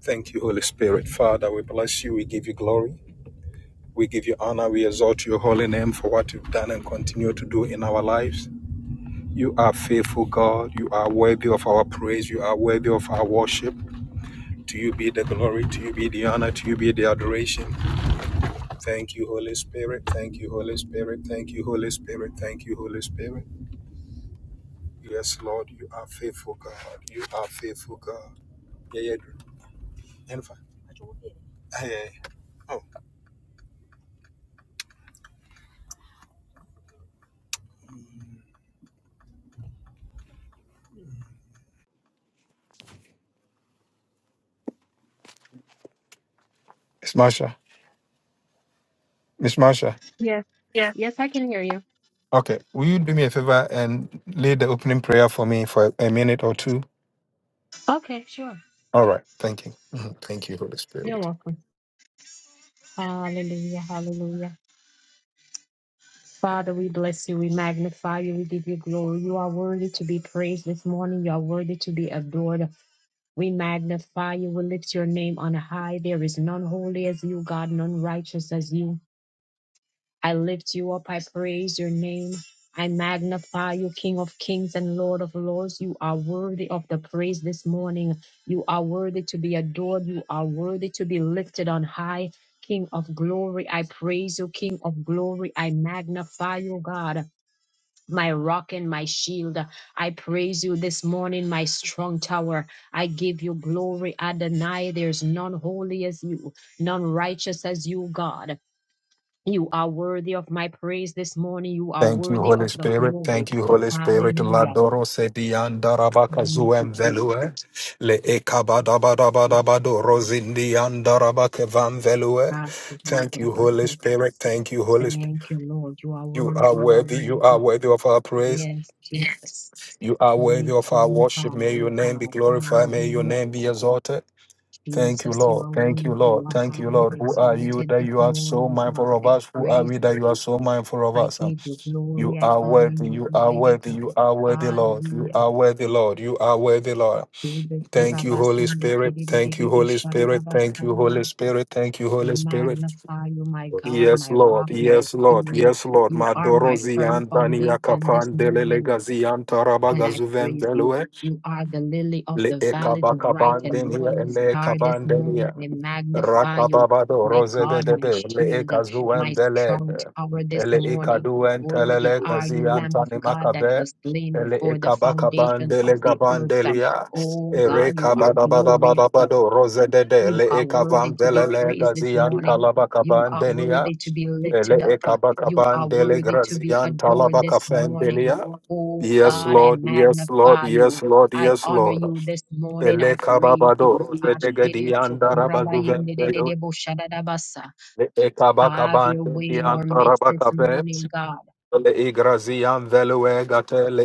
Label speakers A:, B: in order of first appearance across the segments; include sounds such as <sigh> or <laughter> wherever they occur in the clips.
A: Thank you, Holy Spirit. Father, we bless you. We give you glory. We give you honor. We exalt your holy name for what you've done and continue to do in our lives. You are faithful, God. You are worthy of our praise. You are worthy of our worship. To you be the glory. To you be the honor. To you be the adoration. Thank you, Holy Spirit. Thank you, Holy Spirit. Thank you, Holy Spirit. Thank you, Holy Spirit. Yes, Lord, you are faithful, God. You are faithful, God. Yeah, yeah. Jennifer. Hey, hey. Oh, Miss Marsha. Miss Marsha.
B: Yes, yes, I can hear you.
A: Okay. Will you do me a favor and lead the opening prayer for me for a minute or two?
B: Okay, sure.
A: All right. Thank you. Mhm. Thank you, Holy
B: You're
A: Spirit.
B: welcome. Hallelujah, hallelujah. Father, we bless you, we magnify you, we give you glory. You are worthy to be praised this morning, you are worthy to be adored. We magnify you, we lift your name on high. There is none holy as you, God, none righteous as you. I lift you up. I praise your name. I magnify you, King of kings and Lord of lords. You are worthy of the praise this morning. You are worthy to be adored. You are worthy to be lifted on high. King of glory, I praise you. King of glory, I magnify you, God. My rock and my shield. I praise you this morning, my strong tower. I give you glory, Adonai. There's none holy as you, none righteous as you, God. You are worthy of my praise this morning. You are
A: Thank you,
B: worthy
A: Holy
B: of the
A: Spirit.
B: glory.
A: Thank you, Holy Spirit. La
B: Hallelujah.
A: doro se dianda rabaka
B: Thank you,
A: zuem
B: Jesus.
A: velue. Le ekabadabadabadabado rozindianda rabake van velue.
B: Thank
A: Thank you, Holy Spirit. Thank you, Holy Spirit.
B: you, Lord. You are
A: You are
B: worthy. You are
A: worthy. You are
B: worthy.
A: worthy of our praise.
B: Yes, Jesus.
A: You are worthy
B: Lift
A: of
B: you
A: our
B: on
A: worship. May
B: high,
A: your
B: oh
A: name be
B: God.
A: glorified. May your
B: Hallelujah.
A: name be exalted. Thank you,
B: Jesus, you
A: Lord.
B: are
A: Thank
B: worthy.
A: you, Lord.
B: You are
A: Thank
B: high
A: you, Lord.
B: and
A: Who are you
B: exalted
A: that
B: this
A: you are so
B: morning, oh
A: mindful
B: God.
A: of
B: I
A: us? Who are
B: praise
A: we that
B: you.
A: you are so mindful of
B: I
A: us? Um,
B: give you
A: You
B: glory. I
A: are
B: honor
A: worthy.
B: you,
A: You are
B: mighty
A: worthy.
B: God.
A: You are worthy, Lord. You
B: Hallelujah.
A: are worthy, Lord. You are worthy, Lord.
B: Bele
A: Thank you, Holy
B: korabasinde
A: Spirit. Thank you,
B: kidididi
A: Holy Spirit. Thank you, Holy
B: bosharadabasara.
A: Spirit. Thank you,
B: I
A: Holy Spirit.
B: magnify you, my God,
A: Yes,
B: my
A: Lord.
B: rock, my
A: Yes, Lord.
B: shield.
A: Yes, Lord.
B: You are
A: Madoro
B: my firm
A: ziantani
B: foundation this
A: yakapan
B: morning.
A: taraba
B: And I
A: gazuvem
B: praise you.
A: zuvembelwe
B: You are the lily of
A: le
B: the valley, the bright and
A: ekabakabandenia
B: morning
A: ele
B: star this
A: ekaban denia.
B: morning. I magnify you,
A: Rakababado
B: my God, my
A: Rosebedebe Le
B: shield,
A: Ekazuen
B: my strong
A: Belete
B: tower this
A: Ele
B: morning.
A: Ekaduen
B: Worthy
A: Telele
B: are
A: Kazi
B: you, Lamb of
A: Antani
B: God, that
A: Makabe
B: was slain
A: Ele
B: before the
A: Ekabakaban
B: foundations
A: Dele
B: of the
A: Gaban
B: earth.
A: Delia
B: Oh
C: Yes,
A: Ere
B: God, you are glorious.
A: Kabadabadabadabado Rosedede
B: You
A: Le
B: are worthy
A: Ekavan
B: to be
A: Belele
B: praised this
A: Gazi
B: morning. You
A: Antalabakaban
B: are
A: Denia
B: worthy to be
A: Ele
B: lifted up. You
A: Ekabakaban
B: are
A: Dele
B: worthy to be
A: Grazian
B: adored this
A: Talabakafen
B: morning.
A: Denia
B: Oh
A: Yes,
C: thank you.
B: God, I
A: Lord, yes, Lord,
B: magnify
A: yes,
B: you.
A: Lord,
B: I
A: yes,
B: honor
A: Lord.
B: you this morning.
A: Ele
B: I praise
A: kababado,
B: you.
A: bedegedi andarabazuven Le
B: Have
A: ekabakaban
B: your way
A: di
B: in our midst this
A: antarabakabe
B: morning, God.
A: le igrazian veluegate le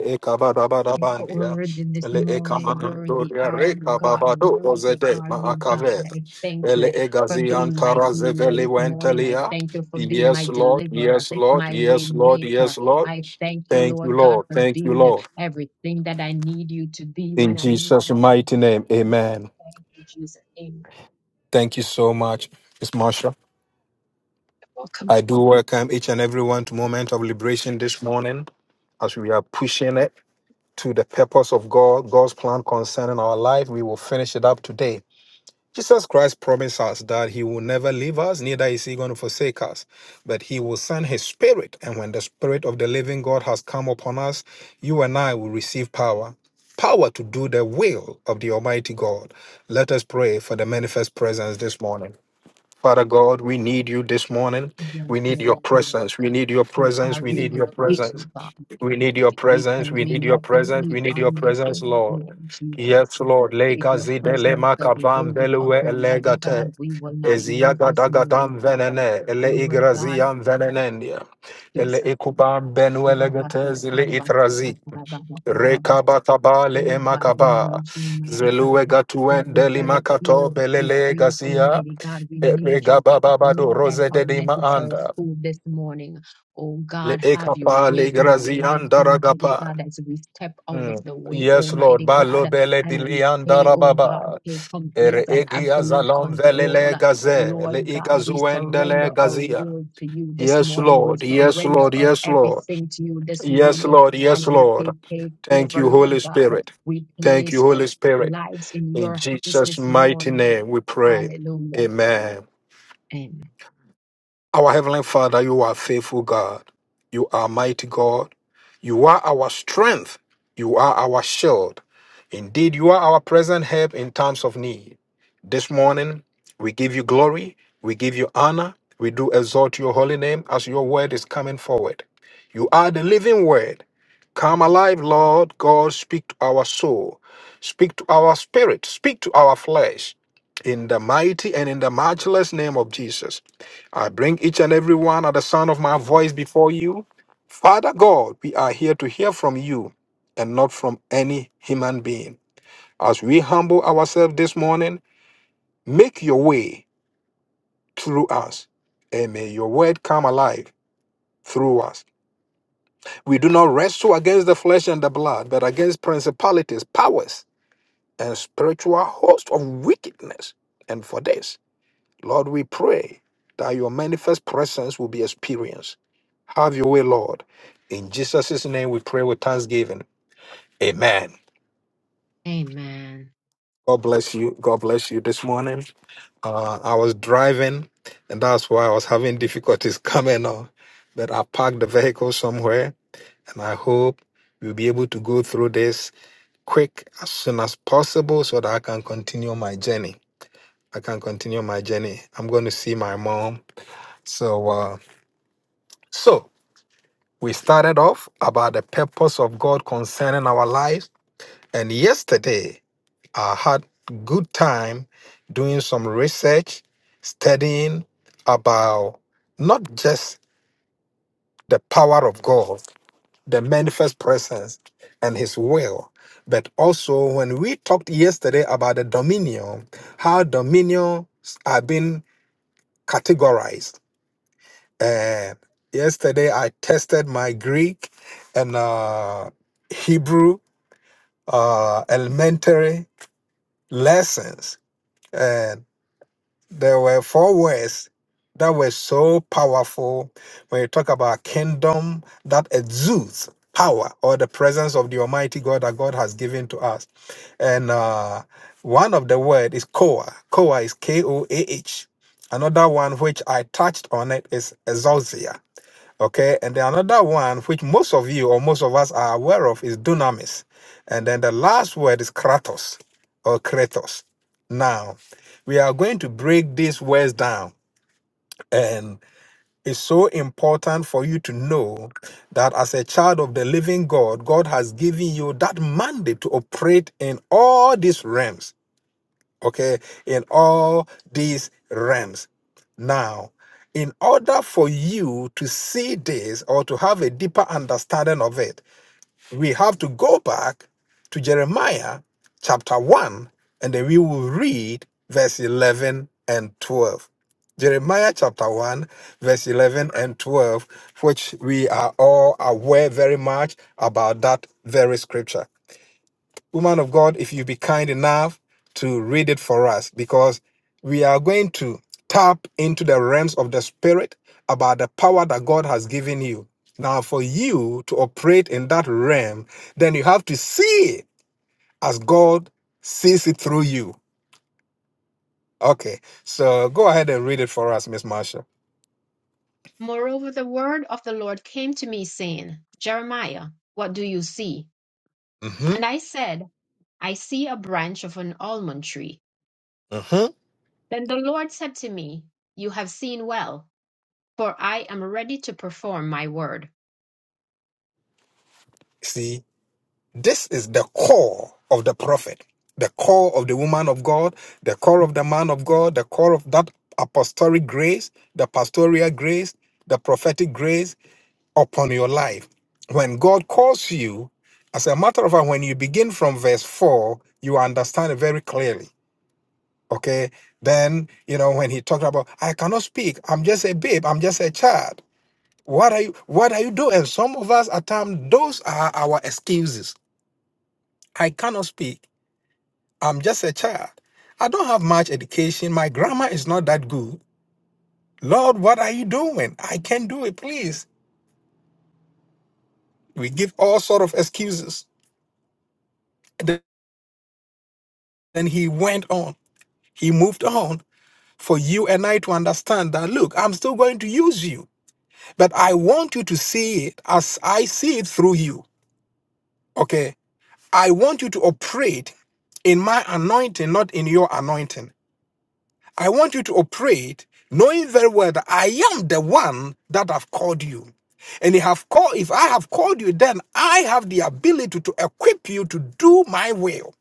B: You
A: ekabadabadabandia
B: worthy this
A: le
B: morning. Worthy
A: ekamadoria
B: are you, God.
A: rekababado
B: Worthy
A: rozede
B: are you, God.
A: maakave
B: I thank
A: le
B: you for
A: egazian
B: being my healer this morning. I
A: tarazeveliwentelia
B: thank you for being my
A: Yes, Lord.
B: deliverer,
A: Yes, Lord.
B: my way
A: Yes, Lord.
B: maker.
A: Yes, Lord.
B: I thank you,
A: Thank you,
B: Lord God,
A: Lord.
B: for
A: Thank you,
B: being
A: Lord.
B: everything that I need you to be
A: In
B: when I need
A: Jesus'
B: you to
A: mighty
B: be.
A: name, amen.
B: In Jesus' name.
A: Thank you so much. It's Marsha.
B: Welcome.
A: I do welcome each and everyone to Moment of Liberation this morning as we are pushing it to the purpose of God, God's plan concerning our life. We will finish it up today. Jesus Christ promised us that he will never leave us, neither is he going to forsake us, but he will send his spirit. And when the spirit of the living God has come upon us, you and I will receive power. Power to do the will of the Almighty God. Let us pray for the manifest presence this morning. Father God, we need you this morning.
B: Yes,
A: We need your
B: Lord God.
A: presence. We need your
B: Who
A: presence.
B: are
A: We
B: we
A: need your
B: without
A: presence.
B: you, God?
A: We need your
B: We
A: presence.
B: can
A: We
B: do
A: need your
B: nothing.
A: presence.
B: We
A: We need
B: are
A: your presence,
B: nothing,
A: Lord.
B: Lord Jesus.
A: Yes, Lord.
B: If
A: Lega
B: your
A: zide
B: presence
A: lema
B: doesn't go
A: kavam
B: with us,
A: belue
B: Almighty
A: elegate.
B: God, we will not move this
A: Eziagadagadam
B: morning, God.
A: venene. Ele
B: Lord God,
A: igraziam venenendia. Ele
B: Jesus.
A: ikubam
B: Kurabasa,
A: benuelegate zile
B: Tarabasa,
A: itrazi.
B: Katarababa, Kurabasa.
A: Rekabakaba le
B: Lord God, we
A: emakaba.
B: need you, mighty
A: Zelue
B: God. Like
A: gatuen
B: the very air
A: delimacato
B: that we
A: belele
B: breathe,
A: gazia.
B: Almighty God, we need
A: Erega
B: you that
A: baba bado
B: more than
A: rose de
B: our
A: de
B: necessary
A: maanda
B: food this morning. Oh
A: le
B: God, have your
A: ekapa le
B: way in our lives,
A: grazianda
B: Almighty
A: ragapa.
B: God, as we step out of
A: Mm.
B: the way,
A: Yes, Lord,
B: Almighty
A: balo
B: God,
A: bele di
B: and we
A: lianda
B: say, Oh God,
A: rababa.
B: take complete
A: Ere
B: and
A: egia
B: absolute
A: zalom vele
B: control.
A: le gaze le
B: Lord God, we
A: igazuende le
B: surrender our
A: gazia.
B: will to you this
A: Yes,
B: morning. We
A: Lord. Yes,
B: surrender
A: Lord.
B: our
A: Yes, Lord.
B: everything to you this
A: Yes,
B: morning.
A: Lord. Yes,
B: And we
A: Lord.
B: say, take
A: Thank
B: over,
A: you, Holy
B: Lord God.
A: Spirit.
B: We
A: Thank
B: place
A: you, Holy
B: our
A: Spirit.
B: lives in
A: In
B: your hands
A: Jesus'
B: this
A: mighty
B: morning.
A: name we pray.
B: Hallelujah.
A: Amen.
B: Amen.
A: Our Heavenly Father, you are faithful God. You are mighty God. You are our strength. You are our shield. Indeed, you are our present help in times of need. This morning, we give you glory. We give you honor. We do exalt your holy name as your word is coming forward. You are the living word. Come alive, Lord God. Speak to our soul. Speak to our spirit. Speak to our flesh. In the mighty and in the matchless name of Jesus. I bring each and every one at the sound of my voice before you. Father God, we are here to hear from you and not from any human being. As we humble ourselves this morning, make your way through us and may your word come alive through us. We do not wrestle against the flesh and the blood, but against principalities, powers, and spiritual host of wickedness. And for this, Lord, we pray that your manifest presence will be experienced. Have your way, Lord. In Jesus' name we pray with thanksgiving. Amen.
B: Amen.
A: God bless you. God bless you this morning. Uh, I was driving, and that's why I was having difficulties <laughs> coming on. But I parked the vehicle somewhere, and I hope we'll be able to go through this quick as soon as possible so that I can continue my journey. I can continue my journey. I'm going to see my mom. So, uh, so We started off about the purpose of God concerning our lives, and yesterday I had good time doing some research, studying about not just the power of God, the manifest presence and his will, but also when we talked yesterday about the dominion, how dominions are being categorized. And yesterday I tested my Greek and uh Hebrew uh, elementary lessons. And there were four words that were so powerful when you talk about kingdom that exudes power or the presence of the Almighty God that God has given to us. And uh, one of the word is koa. Koah is K O A H. Another one which I touched on it is exousia. Okay, and then another one, which most of you or most of us are aware of, is dunamis. And then the last word is kratos or kratos. Now, we are going to break these words down. And it's so important for you to know that as a child of the living God, God has given you that mandate to operate in all these realms okay, in all these realms. Now, in order for you to see this or to have a deeper understanding of it, we have to go back to Jeremiah chapter 1 and then we will read verse 11 and 12. Jeremiah chapter 1, verse 11 and 12, which we are all aware very much about that very scripture woman of God, if you be kind enough to read it for us, because we are going to tap into the realms of the spirit about the power that God has given you. Now, for you to operate in that realm, then you have to see it as God sees it through you. Okay, so go ahead and read it for us, Miss Marsha.
B: Moreover, the word of the Lord came to me, saying, Jeremiah, what do you see?
A: Mm-hmm.
B: And I said, I see a branch of an almond tree.
A: Mm-hmm.
B: Then the Lord said to me, You have seen well. for I am ready to perform my word.
A: This is the core of the prophet, the core of the woman of God, the core of the man of God, the core of that apostolic grace, the pastoral grace, the prophetic grace upon your life. When God calls you, as a matter of fact, when you begin from verse 4, you understand it very clearly. Okay. Then, you know, when he talked about, I cannot speak, I'm just a babe, I'm just a child. What are you what are you doing? And some of us at times, those are our excuses. I cannot speak. I'm just a child. I don't have much education. My grammar is not that good. Lord, what are you doing? I can't do it, please. We give all sort of excuses. Then then he went on. He moved on for you and I to understand that look, I'm still going to use you, but I want you to see it as I see it through you. Okay? I want you to operate in my anointing, not in your anointing. I want you to operate knowing very well that I am the one that have called you. And if I have called, if I have called you, then I have the ability to equip you to do my will.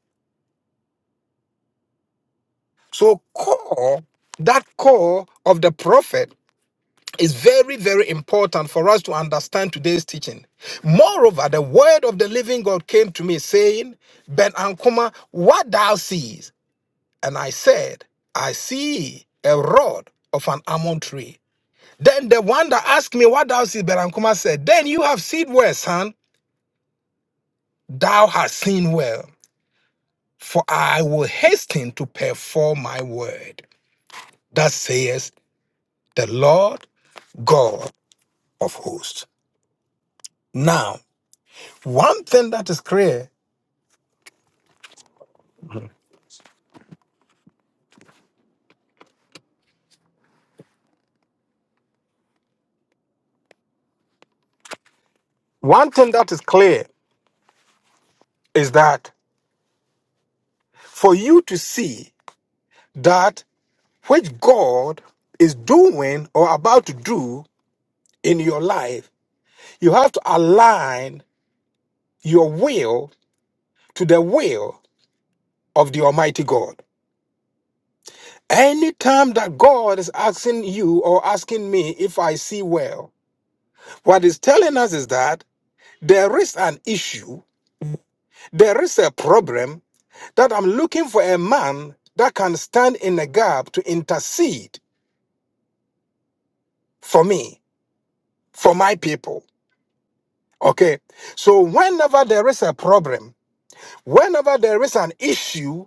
A: So call, that call of the prophet is very, very important for us to understand today's teaching. Moreover, the word of the living God came to me saying, Ben Ankuma, what thou seest? And I said, I see a rod of an almond tree. Then the one that asked me, What thou seest, Berankuma said, Then you have seen well, son, thou hast seen well, for I will hasten to perform my word. Thus says the Lord God of hosts. Now, one thing that is clear, one thing that is clear is that for you to see that which God is doing or about to do in your life, you have to align your will to the will of the Almighty God. Anytime that God is asking you or asking me if I see well, what is telling us is that there is an issue, there is a problem that I'm looking for a man that can stand in the gap to intercede for me, for my people. Okay. So whenever there is a problem, whenever there is an issue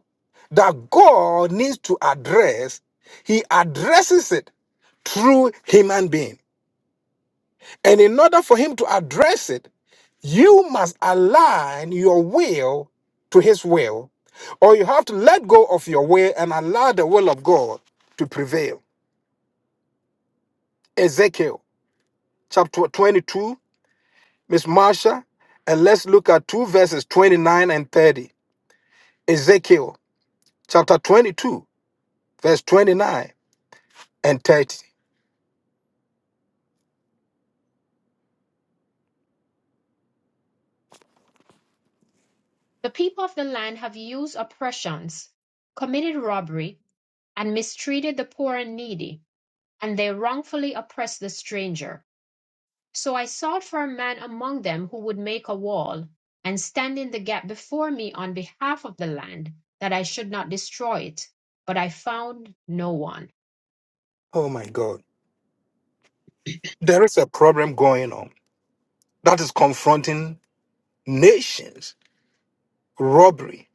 A: that God needs to address, he addresses it through human being. And in order for him to address it, you must align your will to his will, or you have to let go of your will and allow the will of God to prevail. Ezekiel chapter 22, Miss Marsha, and let's look at two verses 29 and 30. Ezekiel chapter 22, verse 29 and 30.
B: The people of the land have used oppressions, committed robbery, and mistreated the poor and needy, and they wrongfully oppressed the stranger. So I sought for a man among them who would make a wall and stand in the gap before me on behalf of the land, that I should not destroy it. But I found no one.
A: Oh my God. There is a problem going on that is confronting nations, robbery,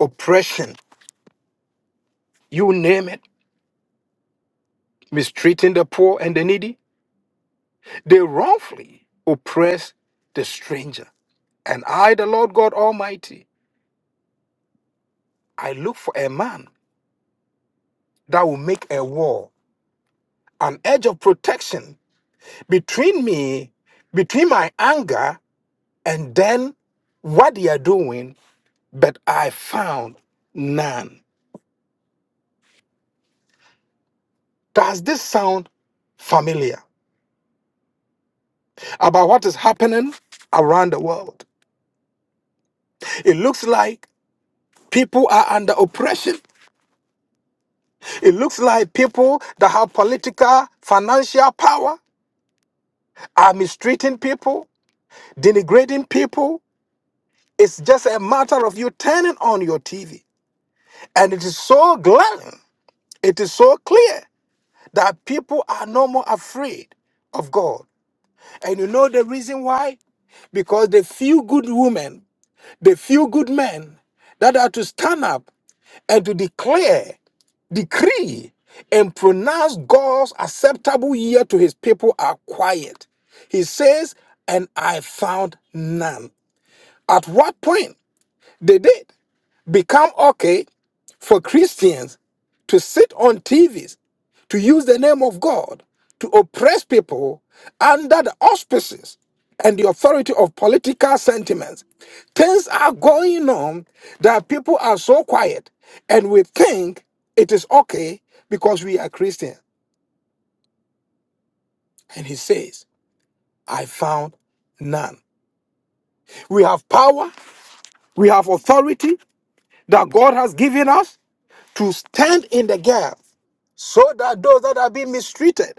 A: oppression, you name it, mistreating the poor and the needy. They wrongfully oppress the stranger. And I, the Lord God Almighty, I look for a man that will make a wall, an edge of protection between me, between my anger, and then what they are doing, but I found none. Does this sound familiar about what is happening around the world? It looks like people are under oppression It looks like people that have political, financial power are mistreating people, denigrating people. It's just a matter of you turning on your TV. And it is so glaring, it is so clear that people are no more afraid of God. And you know the reason why? Because the few good women, the few good men that are to stand up and to declare decree and pronounce God's acceptable year to his people are quiet. He says, and I found none. At what point did it become okay for Christians to sit on TVs, to use the name of God, to oppress people under the auspices and the authority of political sentiments. Things are going on that people are so quiet and we think it is okay because we are Christian. And he says, I found none. We have power, we have authority that God has given us to stand in the gap so that those that are being mistreated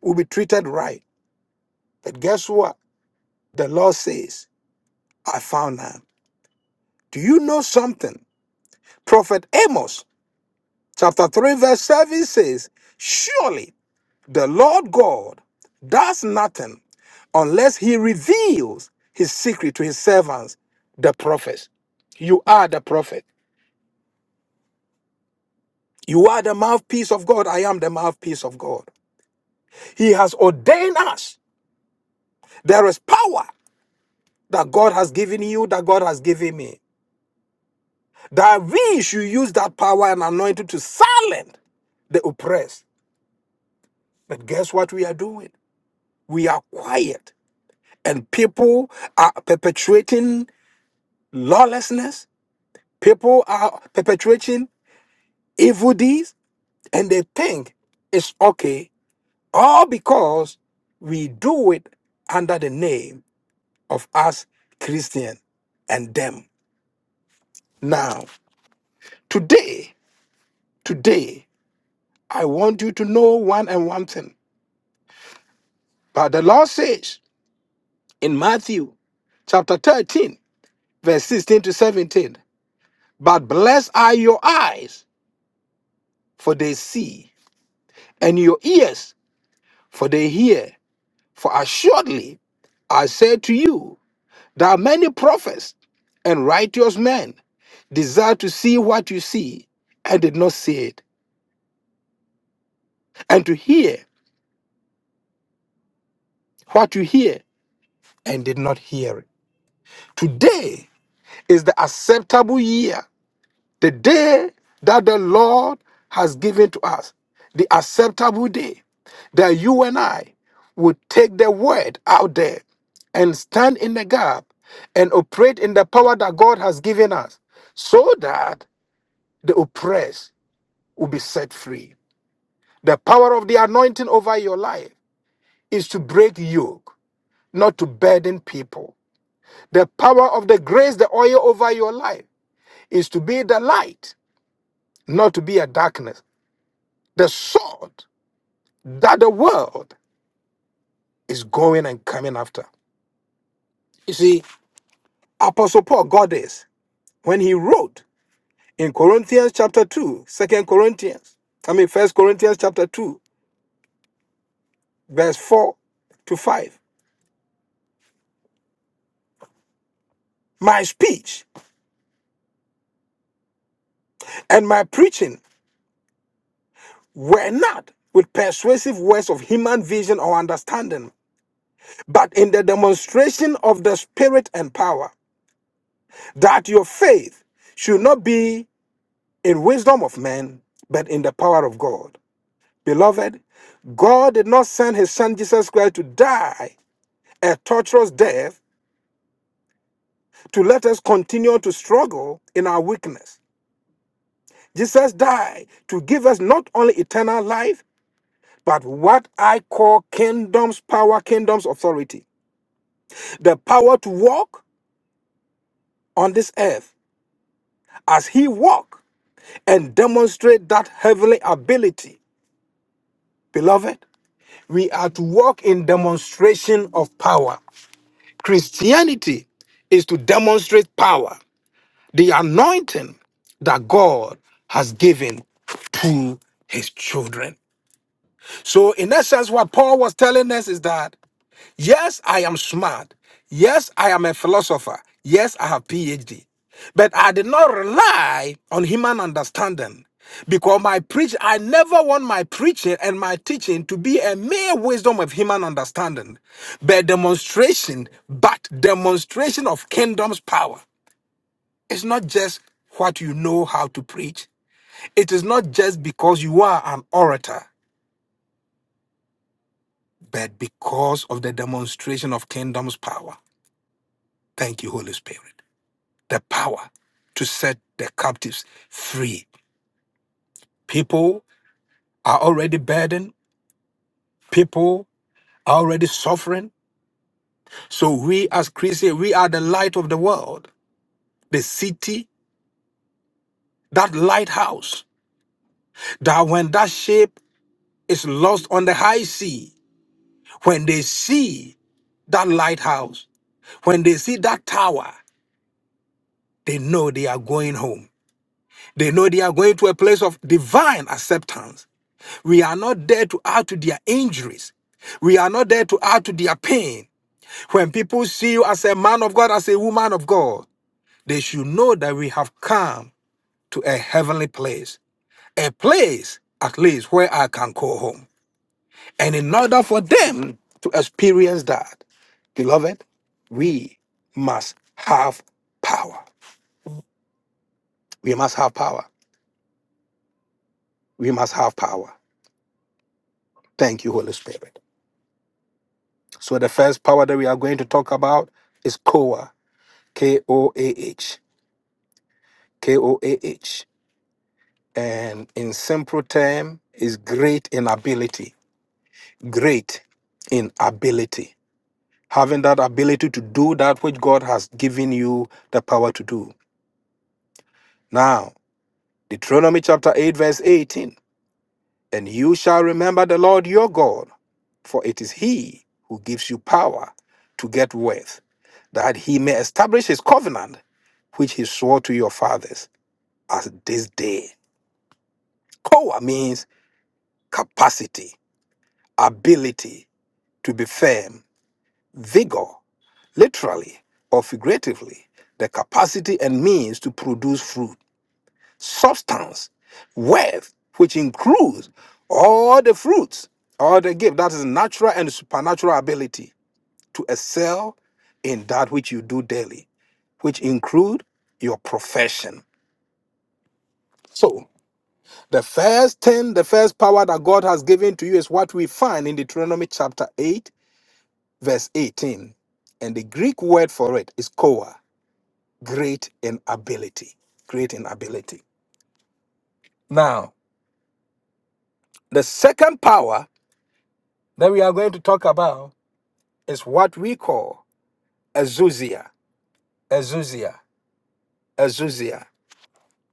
A: will be treated right. But guess what? The Lord says, I found her. Do you know something? Prophet Amos chapter 3, verse 7 says, Surely the Lord God does nothing unless he reveals his secret to his servants, the prophets. You are the prophet. You are the mouthpiece of God. I am the mouthpiece of God. He has ordained us. There is power that God has given you, that God has given me. That we should use that power and anointing to silence the oppressed. But guess what we are doing? We are quiet. And people are perpetrating lawlessness. People are perpetrating evil deeds. And they think it's okay. All because we do it under the name of us Christian and them. Now, today, today, I want you to know one and one thing. But the Lord says in Matthew chapter 13, verse 16 to 17. But blessed are your eyes, for they see, and your ears, for they hear. For assuredly I say to you, there are many prophets and righteous men desire to see what you see and did not see it, and to hear what you hear and did not hear it. Today is the acceptable year the day that the Lord has given to us, the acceptable day that you and I would take the word out there and stand in the gap and operate in the power that God has given us so that the oppressed will be set free. The power of the anointing over your life is to break yoke, not to burden people. The power of the grace, the oil over your life is to be the light, not to be a darkness. The sword that the world is going and coming after. You see, Apostle Paul got this when he wrote in Corinthians chapter 2, Second Corinthians, I mean First Corinthians chapter 2, verse 4 to 5. My speech and my preaching were not with persuasive words of human vision or understanding, but in the demonstration of the Spirit and power, that your faith should not be in wisdom of men, but in the power of God. Beloved, God did not send his son Jesus Christ to die a torturous death to let us continue to struggle in our weakness. Jesus died to give us not only eternal life, but what I call kingdom's power, kingdom's authority. The power to walk on this earth as he walked and demonstrate that heavenly ability. Beloved, we are to walk in demonstration of power. Christianity is to demonstrate power. the anointing that God has given to his children. So, in essence, what Paul was telling us is that yes, I am smart. Yes, I am a philosopher. Yes, I have PhD. But I did not rely on human understanding because my preach I never want my preaching and my teaching to be a mere wisdom of human understanding, but demonstration, but demonstration of kingdom's power. It's not just what you know how to preach. It is not just because you are an orator, but because of the demonstration of kingdom's power. Thank you, Holy Spirit. The power to set the captives free. People are already burdened. People are already suffering. So we as Christians, we are the light of the world, the city, that lighthouse, that when that ship is lost on the high sea, when they see that lighthouse, When they see that tower, they know they are going home. They know they are going to a place of divine acceptance. We are not there to add to their injuries. We are not there to add to their pain. When people see you as a man of God, as a woman of God, they should know that we have come to a heavenly place, a place at least where I can call home. And in order for them to experience that, beloved, we must have power. We must have power. we must have power. Thank you, Holy Spirit. So the first power that we are going to talk about is Koah, K O A H, K O A H, and in simple term is great in ability, great in ability, having that ability to do that which God has given you the power to do. Now, Deuteronomy chapter eight verse eighteen, and you shall remember the Lord your God, for it is He who gives you power to get wealth that he may establish his covenant, which he swore to your fathers as this day. Koa means capacity, ability to be firm, vigor, literally or figuratively, the capacity and means to produce fruit, substance, worth, which includes all the fruits, all the gift. That is natural and supernatural ability to excel in that which you do daily, which include your profession. So. The first thing, the first power that God has given to you is what we find in Deuteronomy chapter 8, verse 18. And the Greek word for it is koa, great in ability. Great in ability. Now, the second power that we are going to talk about is what we call Azuzia. Azuzia. Azuzia.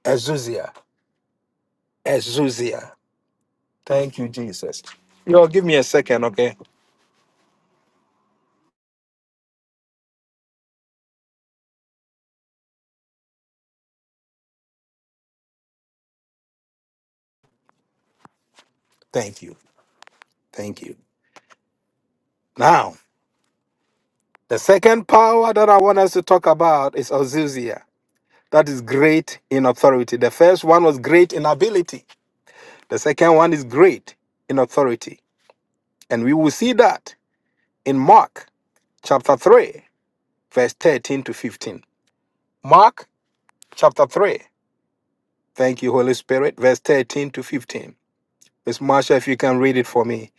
A: Azuzia. Azuzia. Thank you, Jesus. You all give me a second, okay? Thank you. Thank you. Now, The second power that I want us to talk about is Azusia. That is great in authority. The first one was great in ability. The second one is great in authority. And we will see that in Mark chapter 3, verse 13 to 15. Mark chapter 3. Thank you, Holy Spirit. Verse 13 to 15. Miss Marsha, if you can read it for me.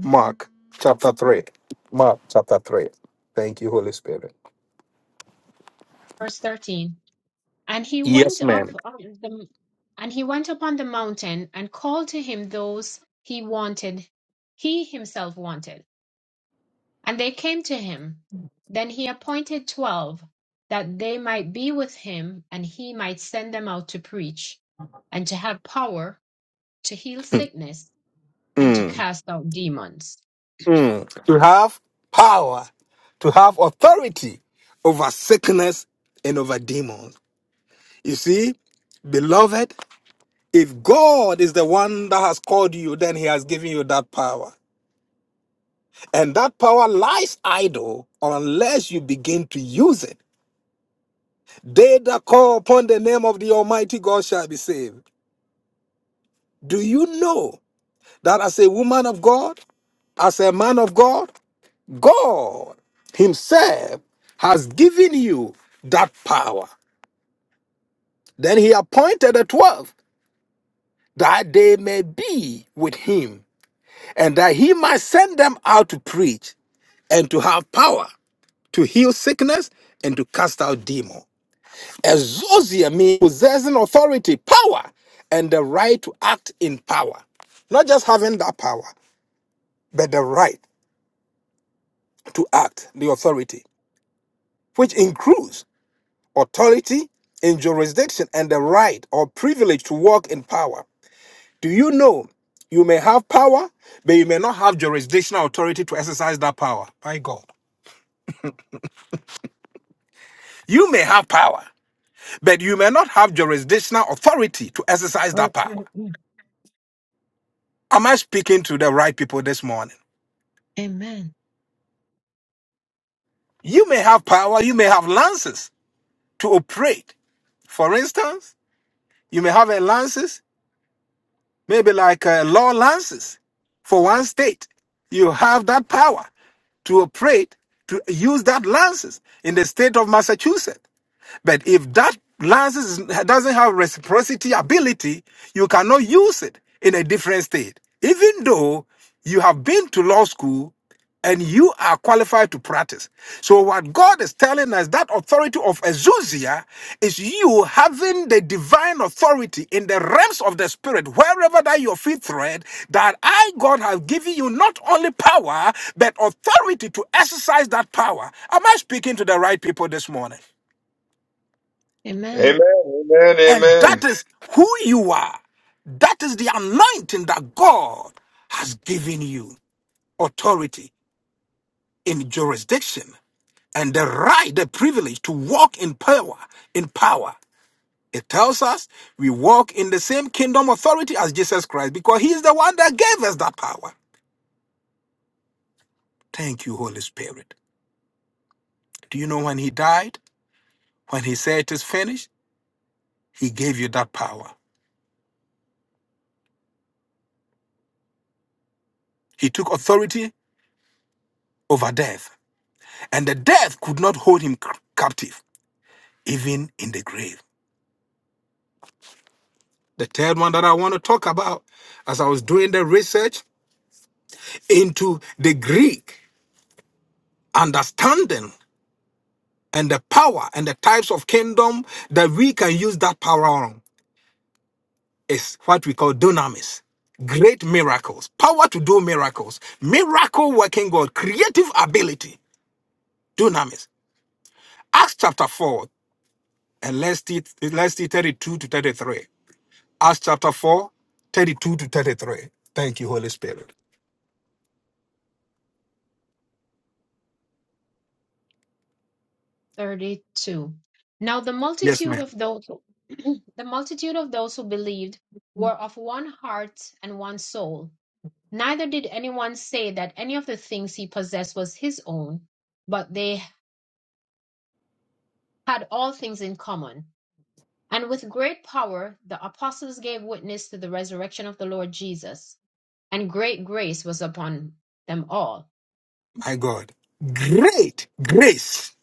A: Mark chapter 3. Mark chapter 3. Thank you, Holy Spirit.
B: Verse 13. And he
A: Yes,
B: went up
A: ma'am.
B: on the and he went up on the mountain and called to him those he wanted, he himself wanted, and they came to him. Then he appointed twelve, that they might be with him, and he might send them out to preach, and to have power to heal sickness, and to
A: Mm.
B: cast out demons.
A: Mm. to have power, to have authority over sickness and over demons. You see, beloved, if God is the one that has called you, then He has given you that power. And that power lies idle unless you begin to use it. They that call upon the name of the Almighty God shall be saved. Do you know that as a woman of God, as a man of God, God Himself has given you that power. Then He appointed the twelve that they may be with Him and that He might send them out to preach and to have power to heal sickness and to cast out demons. Exousia means possessing authority, power, and the right to act in power. Not just having that power, but the right to act, the authority, which includes authority in jurisdiction, and the right or privilege to walk in power. Do you know you may have power, but you may not have jurisdictional authority to exercise that power? My God. You may have power, but you may not have jurisdictional authority to exercise that power.
B: <clears throat>
A: Am I speaking to the right people this morning?
B: Amen.
A: You may have power, you may have lances to operate. For instance, you may have a lance. maybe like uh, law lances for one state. You have that power to operate, to use that lances in the state of Massachusetts. But if that license is- doesn't have reciprocity ability, you cannot use it in a different state. Even though you have been to law school and you are qualified to practice. So what God is telling us, that authority of exousia is you having the divine authority in the realms of the spirit, wherever that your feet tread, that I, God, have given you not only power, but authority to exercise that power. Am I speaking to the right people this morning?
B: Amen.
C: Amen. Amen.
A: And
C: Amen.
A: that is who you are. That is the anointing that God has given you authority in jurisdiction and the right, the privilege to walk in power. In power. It tells us we walk in the same kingdom authority as Jesus Christ because he is the one that gave us that power. Thank you, Holy Spirit. Do you know when he died? When he said it is finished, he gave you that power. He took authority over death, and the death could not hold him c- captive. even in the grave. The third one that I want to talk about, as I was doing the research into the Greek understanding and the power and the types of kingdom that we can use that power on, is what we call dunamis. Great miracles, power to do miracles, miracle working God, creative ability, dunamis. Acts chapter 4, and let's see, let's see 32 to 33. Acts chapter 4, 32 to 33. Thank you, Holy Spirit.
B: 32. Now the
A: Yes,
B: multitude
A: ma'am.
B: of those who- <clears throat> the multitude of those who believed were of one heart and one soul. Neither did anyone say that any of the things he possessed was his own, but they had all things in common. And with great power the apostles gave witness to the resurrection of the Lord Jesus, and great grace was upon them all.
A: My God, great grace,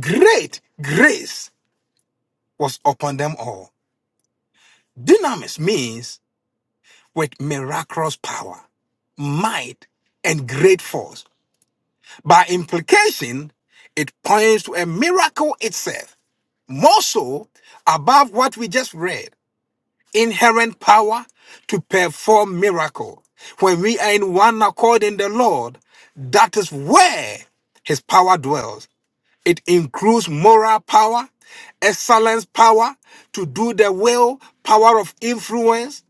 A: great grace was upon them all. Dynamis means with miraculous power, might, and great force. By implication, it points to a miracle itself, more so above what we just read inherent power to perform miracle. When we are in one accord in the Lord, that is where his power dwells. It includes moral power, excellence power, to do the will, power of influence,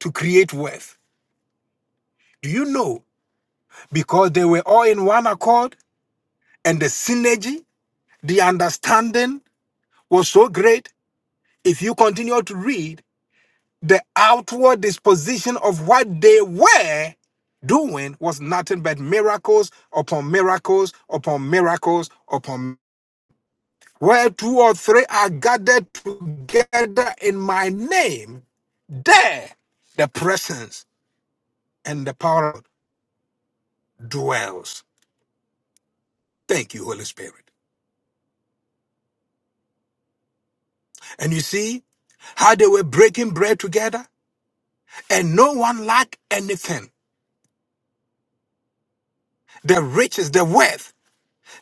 A: to create wealth. Do you know? Because they were all in one accord and the synergy, the understanding was so great. If you continue to read, the outward disposition of what they were doing was nothing but miracles upon miracles upon miracles upon Where two or three are gathered together in my name, there the presence and the power of God dwells. Thank you, Holy Spirit. And you see how they were breaking bread together and no one lacked anything. The riches, the wealth,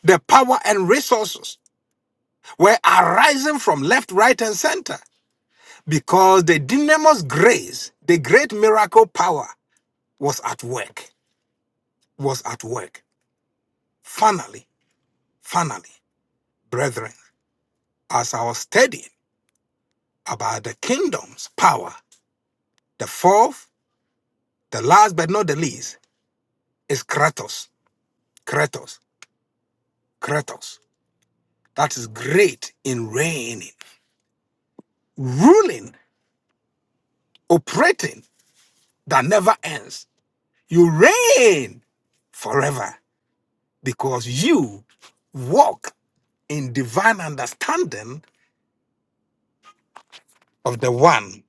A: the power and resources were arising from left, right, and center because the dynamos grace, the great miracle power was at work, was at work. Finally, finally. brethren, as I was studying about the kingdom's power, the fourth, the last but not the least, is Kratos. Kratos. Kratos. That is great in reigning, ruling, operating that never ends. You reign forever because you walk in divine understanding of the one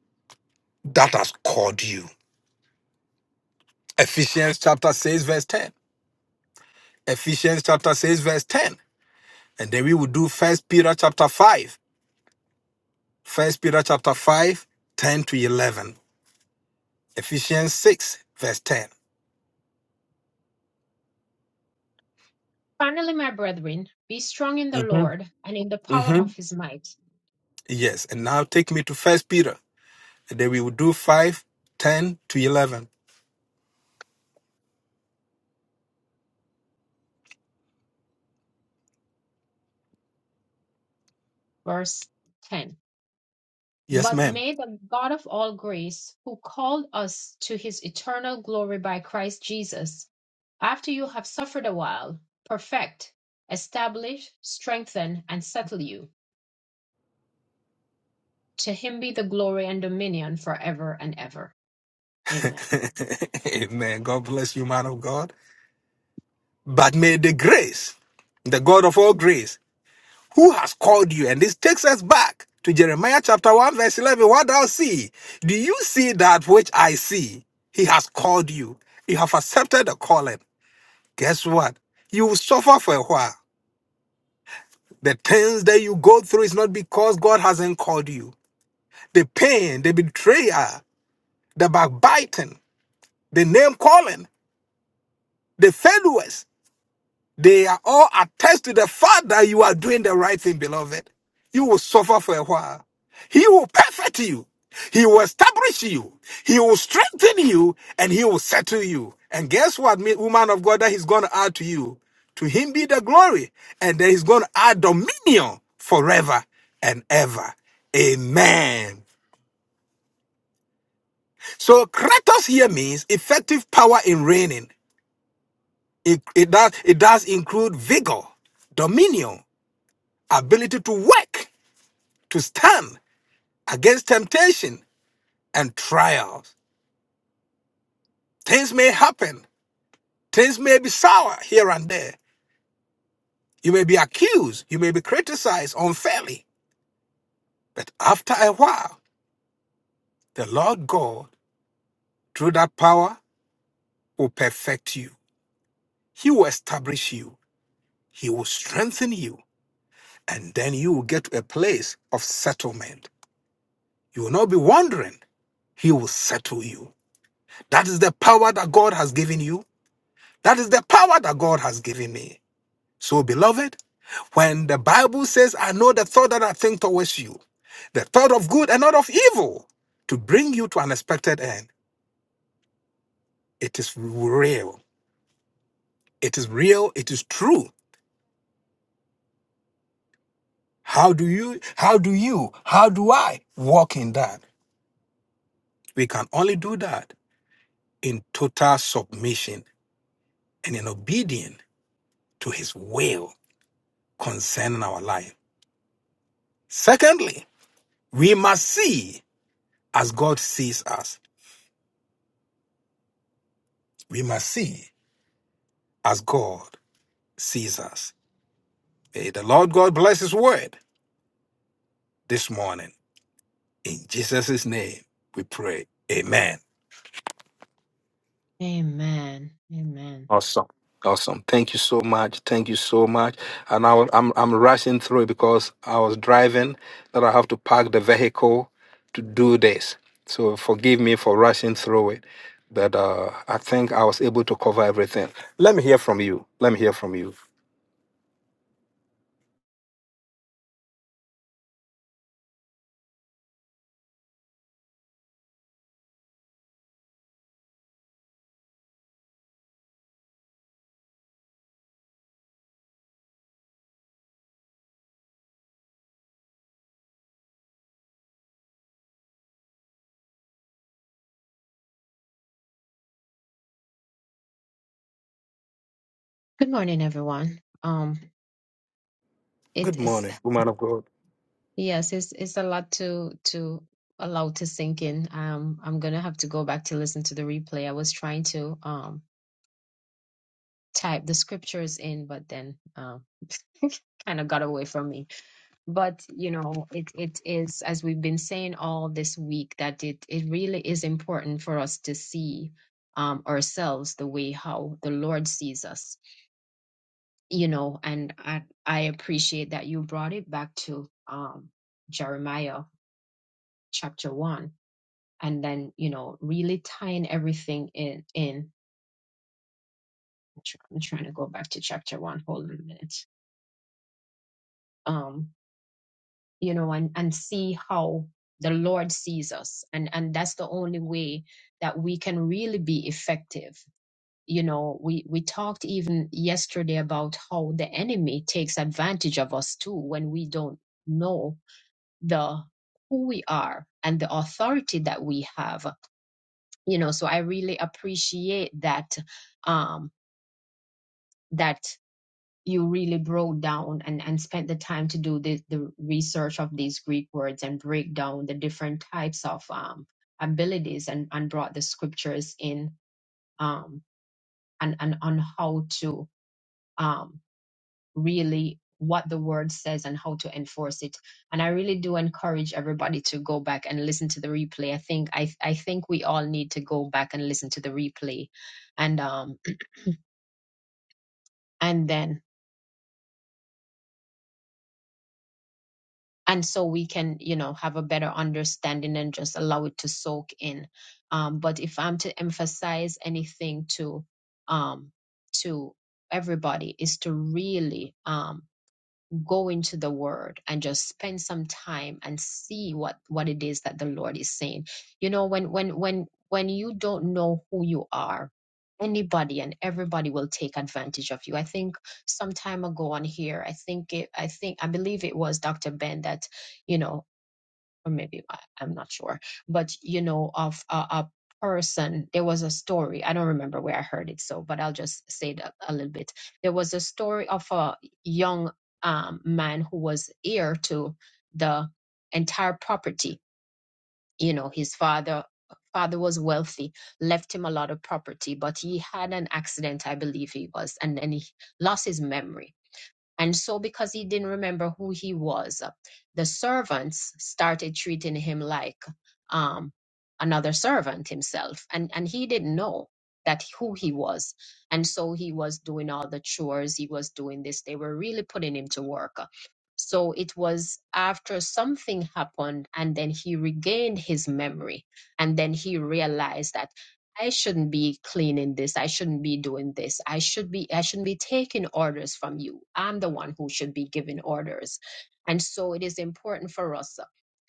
A: that has called you. Ephesians chapter 6, verse 10. Ephesians chapter 6, verse 10. And then we will do First Peter chapter 5. First Peter chapter 5, 10 to 11. Ephesians 6, verse 10.
B: Finally, my brethren, be strong in the
A: hmm
B: Lord and in the power
A: hmm
B: of his might.
A: Yes. And now take me to First Peter. And then we will do 5, 10 to 11.
B: Verse 10.
A: Yes,
B: But
A: ma'am.
B: may the God of all grace, who called us to his eternal glory by Christ Jesus, after you have suffered a while, perfect, establish, strengthen, and settle you. To him be the glory and dominion forever and ever. Amen.
A: <laughs> Amen. God bless you, man of God. But may the grace, the God of all grace, Who has called you? And this takes us back to Jeremiah chapter 1, verse 11. What thou see? Do you see that which I see? He has called you. You have accepted the calling. Guess what? You will suffer for a while. The things that you go through is not because God hasn't called you. The pain, the betrayal, the backbiting, the name calling, the failures, They are all attest to the fact that you are doing the right thing, beloved. You will suffer for a while. He will perfect you. He will establish you. He will strengthen you and he will settle you. And guess what, me- woman of God, that he's going to add to you? To him be the glory. And then he's going to add dominion forever and ever. Amen. So kratos here means effective power in reigning. It, it, does, it does include vigor, dominion, ability to work, to stand against temptation and trials. Things may happen, things may be sour here and there. You may be accused, you may be criticized unfairly. But after a while, the Lord God, through that power, will perfect you. He will establish you, He will strengthen you, and then you will get to a place of settlement. You will not be wandering, He will settle you. That is the power that God has given you. That is the power that God has given me. So, beloved, when the Bible says, I know the thought that I think towards you, the thought of good and not of evil, to bring you to an expected end, it is real. It is real. It is true. How do you, how do you, how do I walk in that? We can only do that in total submission and in obedience to his will concerning our life. Secondly, we must see as God sees us. We must see as God sees us. May the Lord God bless His word this morning. In Jesus' name, we pray. Amen.
B: Amen. Amen.
A: Awesome. Thank you so much. Thank you so much. And I, will- I'm, I'm rushing through it because I was driving, that I have to park the vehicle to do this. So forgive me for rushing through it. But uh, I think I was able to cover everything. Let me hear from you. Let me hear from you.
B: Good morning, everyone. Um, it
A: Good
B: is
A: morning, woman of God.
B: yes, it's it's a lot to to allow to sink in. Um, I'm gonna have to go back to listen to the replay. I was trying to. um type the scriptures in, but then um, <laughs> kind of got away from me. But you know, it it is as we've been saying all this week that it it really is important for us to see um, ourselves the way how the Lord sees us. You know, and I, I appreciate that you brought it back to um, Jeremiah chapter one, and then you know, really tying everything in in. I'm trying to go back to chapter one. Hold on a minute. Um. you know, and, and see how the Lord sees us. And, and that's the only way that we can really be effective. You know, we, we talked even yesterday about how the enemy takes advantage of us too when we don't know the who we are and the authority that we have. You know, so I really appreciate that um that you really broke down and, and spent the time to do the, the research of these Greek words and break down the different types of um, abilities and, and brought the scriptures in um, and, and on how to um, really what the word says and how to enforce it. And I really do encourage everybody to go back and listen to the replay. I think I, I think we all need to go back and listen to the replay and um, and then and so we can you know have a better understanding and just allow it to soak in um, but if i'm to emphasize anything to um, to everybody is to really um, go into the word and just spend some time and see what what it is that the lord is saying you know when when when when you don't know who you are anybody and everybody will take advantage of you i think some time ago on here i think it i think i believe it was dr ben that you know or maybe I, I'm not sure, but you know, of a, a person. There was a story. I don't remember where I heard it, so but I'll just say that a little bit. There was a story of a young um, man who was heir to the entire property. You know, his father father was wealthy, left him a lot of property, but he had an accident, I believe he was, and then he lost his memory and so, because he didn't remember who he was, the servants started treating him like um, another servant himself. And, and he didn't know that who he was. And so he was doing all the chores, he was doing this. They were really putting him to work. So it was after something happened, and then he regained his memory. And then he realized that I shouldn't be cleaning this. I shouldn't be doing this. I should be I shouldn't be taking orders from you. I'm the one who should be giving orders. And so it is important for us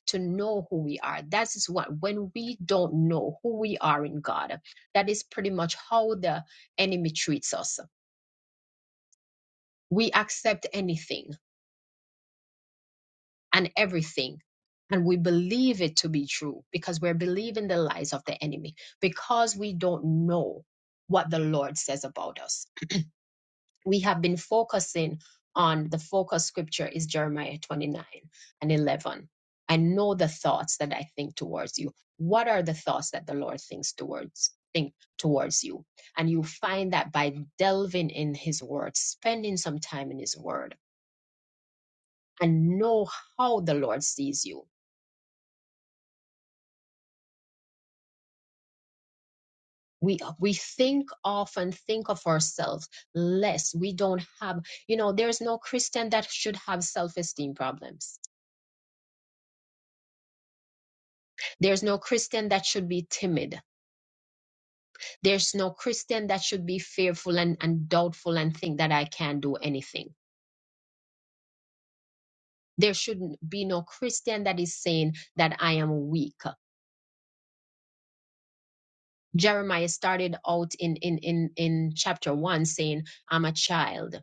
B: to know who we are. That is what when we don't know who we are in God, that is pretty much how the enemy treats us. We accept anything and everything. And we believe it to be true because we're believing the lies of the enemy because we don't know what the Lord says about us we have been focusing on the focus scripture is Jeremiah 29 and 11. I know the thoughts that I think towards you. What are the thoughts that the Lord thinks towards think towards you? And you find that by delving in his word, spending some time in his word and know how the Lord sees you. We, we think often think of ourselves less. We don't have, you know, there's no Christian that should have self-esteem problems There's no Christian that should be timid. There's no Christian that should be fearful and, and doubtful and think that I can't do anything. There shouldn't be no Christian that is saying that I am weak. Jeremiah started out in, in, in, in chapter one saying, I'm a child.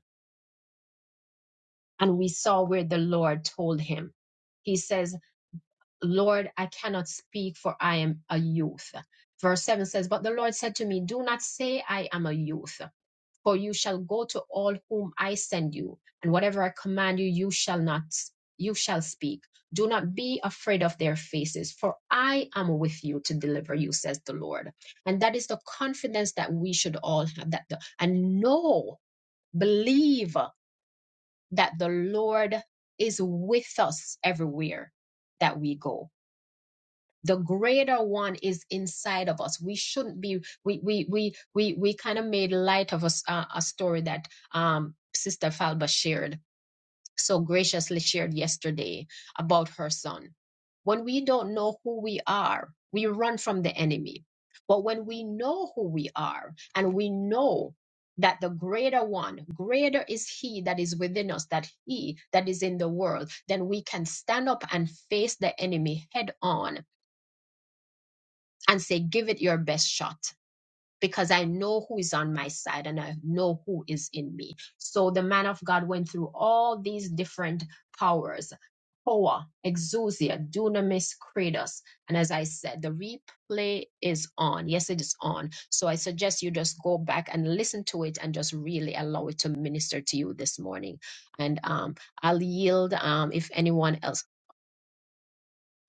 B: And we saw where the Lord told him. He says, Lord, I cannot speak for I am a youth. Verse 7 says, But the Lord said to me, Do not say I am a youth For you shall go to all whom I send you, and whatever I command you, you shall not you shall speak. Do not be afraid of their faces, for I am with you to deliver you, says the Lord. And that is the confidence that we should all have that the, and know, believe that the Lord is with us everywhere that we go the greater one is inside of us we shouldn't be we we we we, we kind of made light of us uh, a story that um sister falba shared so graciously shared yesterday about her son when we don't know who we are we run from the enemy but when we know who we are and we know that the greater one greater is he that is within us that he that is in the world then we can stand up and face the enemy head on and say, give it your best shot because I know who is on my side and I know who is in me. So the man of God went through all these different powers. Power, exousia, dunamis, kratos. And as I said, the replay is on. Yes, it is on. So I suggest you just go back and listen to it and just really allow it to minister to you this morning. And um, I'll yield um, if anyone else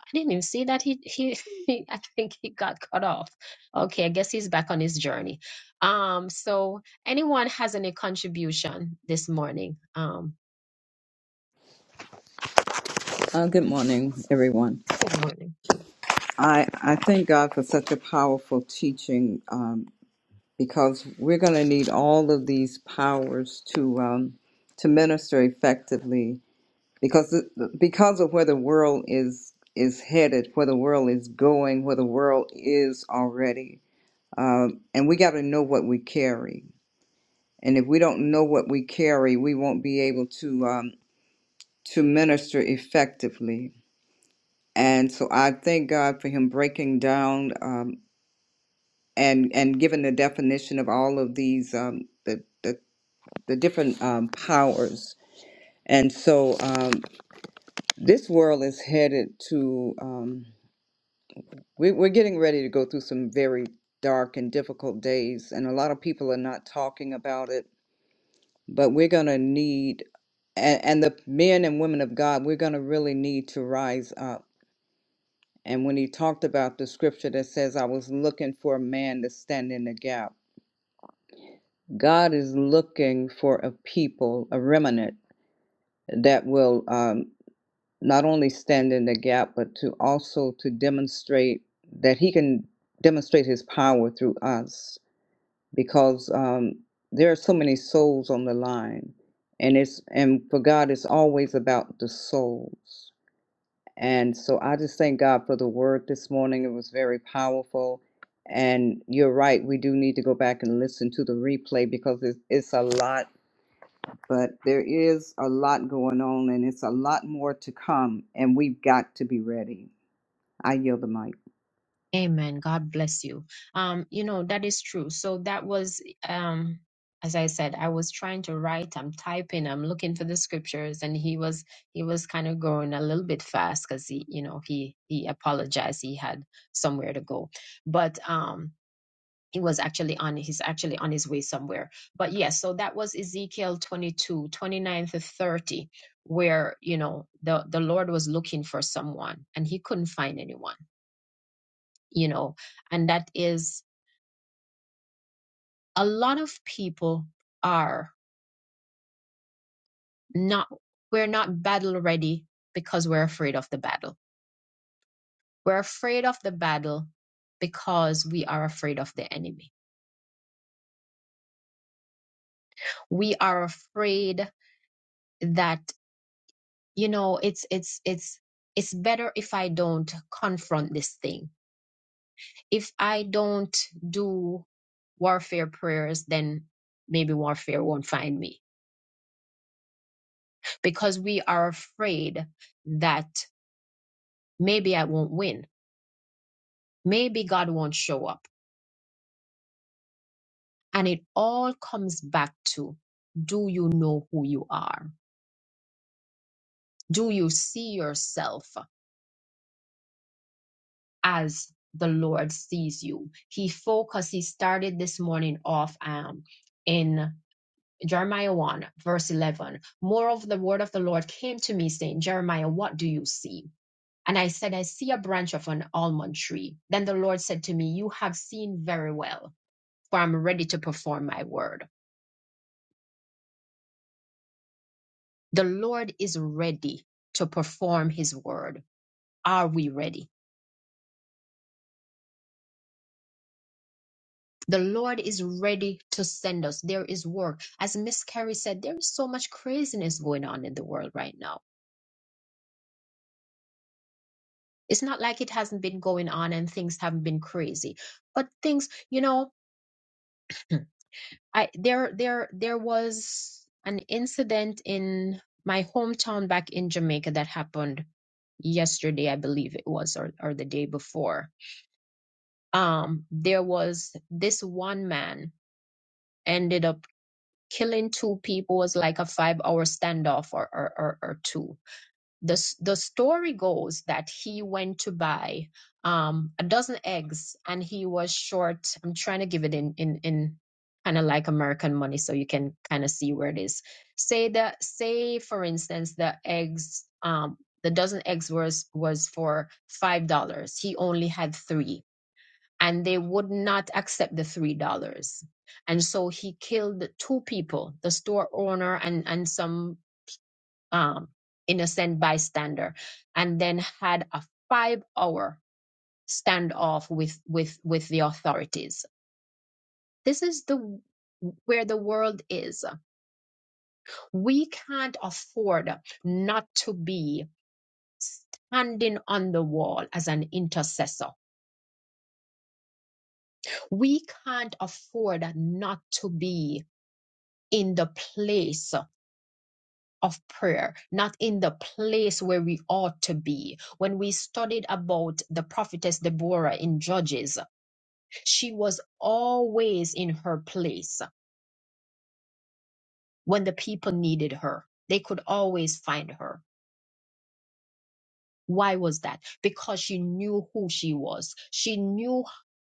B: I didn't even see that he he <laughs> I think he got cut off. Okay, I guess he's back on his journey. Um, so anyone has any contribution this morning? Um,
D: Uh, good morning, everyone.
B: good morning.
D: I, I thank God for such a powerful teaching um, because we're going to need all of these powers to um, to minister effectively because the- because of where the world is is headed, where the world is going, where the world is already, um, and we got to know what we carry. And if we don't know what we carry, we won't be able to um, to minister effectively. And so I thank God for him breaking down um, and and giving the definition of all of these um, the, the the different um, powers. And so um, this world is headed to um, we, we're getting ready to go through some very dark and difficult days, and a lot of people are not talking about it. But we're gonna need and, and the men and women of God, we're gonna really need to rise up And when he talked about the scripture that says, I was looking for a man to stand in the gap, God is looking for a people, a remnant that will um, not only stand in the gap, but to also to demonstrate that he can demonstrate his power through us because um, there are so many souls on the line. And it's and for God, it's always about the souls. And so I just thank God for the word this morning. It was very powerful. And you're right, we do need to go back and listen to the replay because it's, it's a lot, but there is a lot going on and it's a lot more to come. And we've got to be ready. I yield the mic.
B: Amen. God bless you. Um, you know, that is true. So that was um as I said, I was trying to write, I'm typing, I'm looking for the scriptures, and he was he was kind of going a little bit fast because he, you know, he he apologized, he had somewhere to go. But um he was actually on he's actually on his way somewhere but yes so that was ezekiel 22 29 to 30 where you know the the lord was looking for someone and he couldn't find anyone you know and that is a lot of people are not we're not battle ready because we're afraid of the battle we're afraid of the battle because we are afraid of the enemy we are afraid that you know it's it's it's it's better if i don't confront this thing if i don't do warfare prayers then maybe warfare won't find me because we are afraid that maybe i won't win maybe god won't show up and it all comes back to do you know who you are do you see yourself as the lord sees you he focused he started this morning off um, in Jeremiah 1, verse 11. Moreover, the word of the Lord came to me, saying, Jeremiah, what do you see? And I said, I see a branch of an almond tree. Then the Lord said to me, You have seen very well, for I'm ready to perform my word. The Lord is ready to perform his word. Are we ready? The Lord is ready to send us. There is work. As Miss Carrie said, there is so much craziness going on in the world right now It's not like it hasn't been going on and things haven't been crazy. But things, you know, <clears throat> I there there there was an incident in my hometown back in Jamaica that happened yesterday, I believe it was, or or the day before. Um, there was this one man ended up killing two people. It was like a five hour standoff or or or, or two the s- the story goes that he went to buy um a dozen eggs and he was short i'm trying to give it in in in kind of like american money so you can kind of see where it is say that say for instance the eggs um the dozen eggs was was for five dollars he only had three and they would not accept the three dollars and so he killed two people the store owner and and some um, innocent bystander, and then had a five hour standoff with with with the authorities. This is the where the world is. We can't afford not to be standing on the wall as an intercessor. We can't afford not to be in the place of prayer, not in the place where we ought to be. When we studied about the prophetess Deborah in Judges, she was always in her place when the people needed her. They could always find her. Why was that? Because she knew who she was. She knew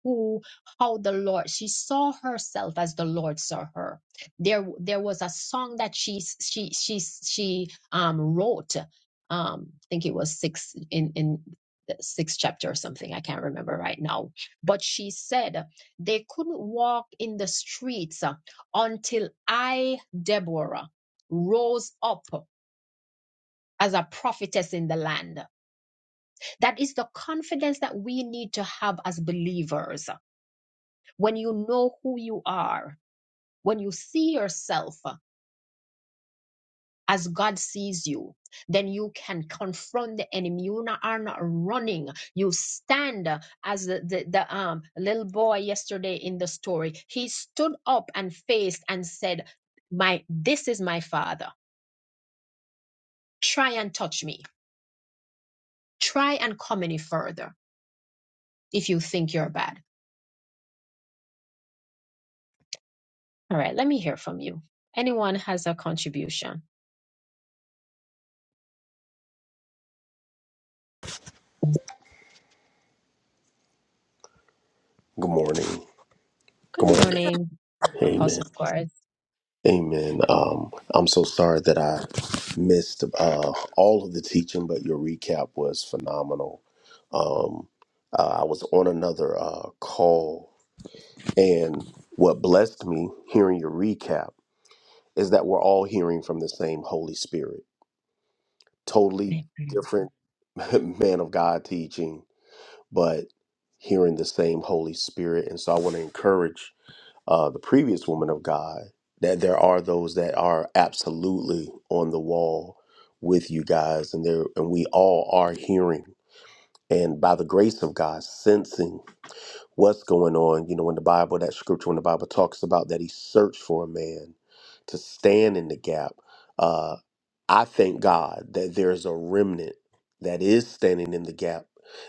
B: who, how the Lord, she saw herself as the Lord saw her. There, there was a song that she, she, she, she, um, wrote. Um, I think it was six in, in the sixth chapter or something. I can't remember right now. But she said they couldn't walk in the streets uh, until I, Deborah, rose up as a prophetess in the land. That is the confidence that we need to have as believers. When you know who you are, when you see yourself as God sees you, then you can confront the enemy. You not- are not running. You stand as the, the, the um, little boy yesterday in the story. He stood up and faced and said, my, this is my father. Try and touch me. Try and come any further if you think you're bad All right, let me hear from you. Anyone has a contribution?
E: Good morning. Good
B: Good
E: morning.
B: morning,
E: Amen.
B: Apostle Squares.
E: Amen. Um, I'm so sorry that I missed uh, all of the teaching, but your recap was phenomenal. Um, uh, I was on another uh, call, and what blessed me hearing your recap is that we're all hearing from the same Holy Spirit. Totally different <laughs> man of God teaching, but hearing the same Holy Spirit. And so I want to encourage uh, the previous woman of God, that there are those that are absolutely on the wall with you guys, and there and we all are hearing and by the grace of God sensing what's going on. You know, in the Bible, that scripture in the Bible talks about that he searched for a man to stand in the gap. Uh, I thank God that there's a remnant that is standing in the gap.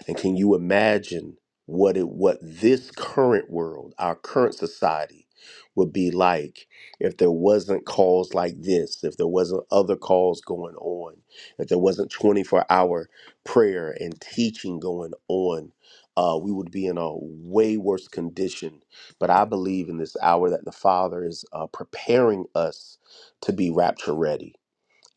E: And can you imagine what it what this current world, our current society, would be like if there wasn't calls like this, if there wasn't other calls going on, if there wasn't 24 hour prayer and teaching going on? uh, we would be in a way worse condition. But I believe in this hour that the Father is uh, preparing us to be rapture ready.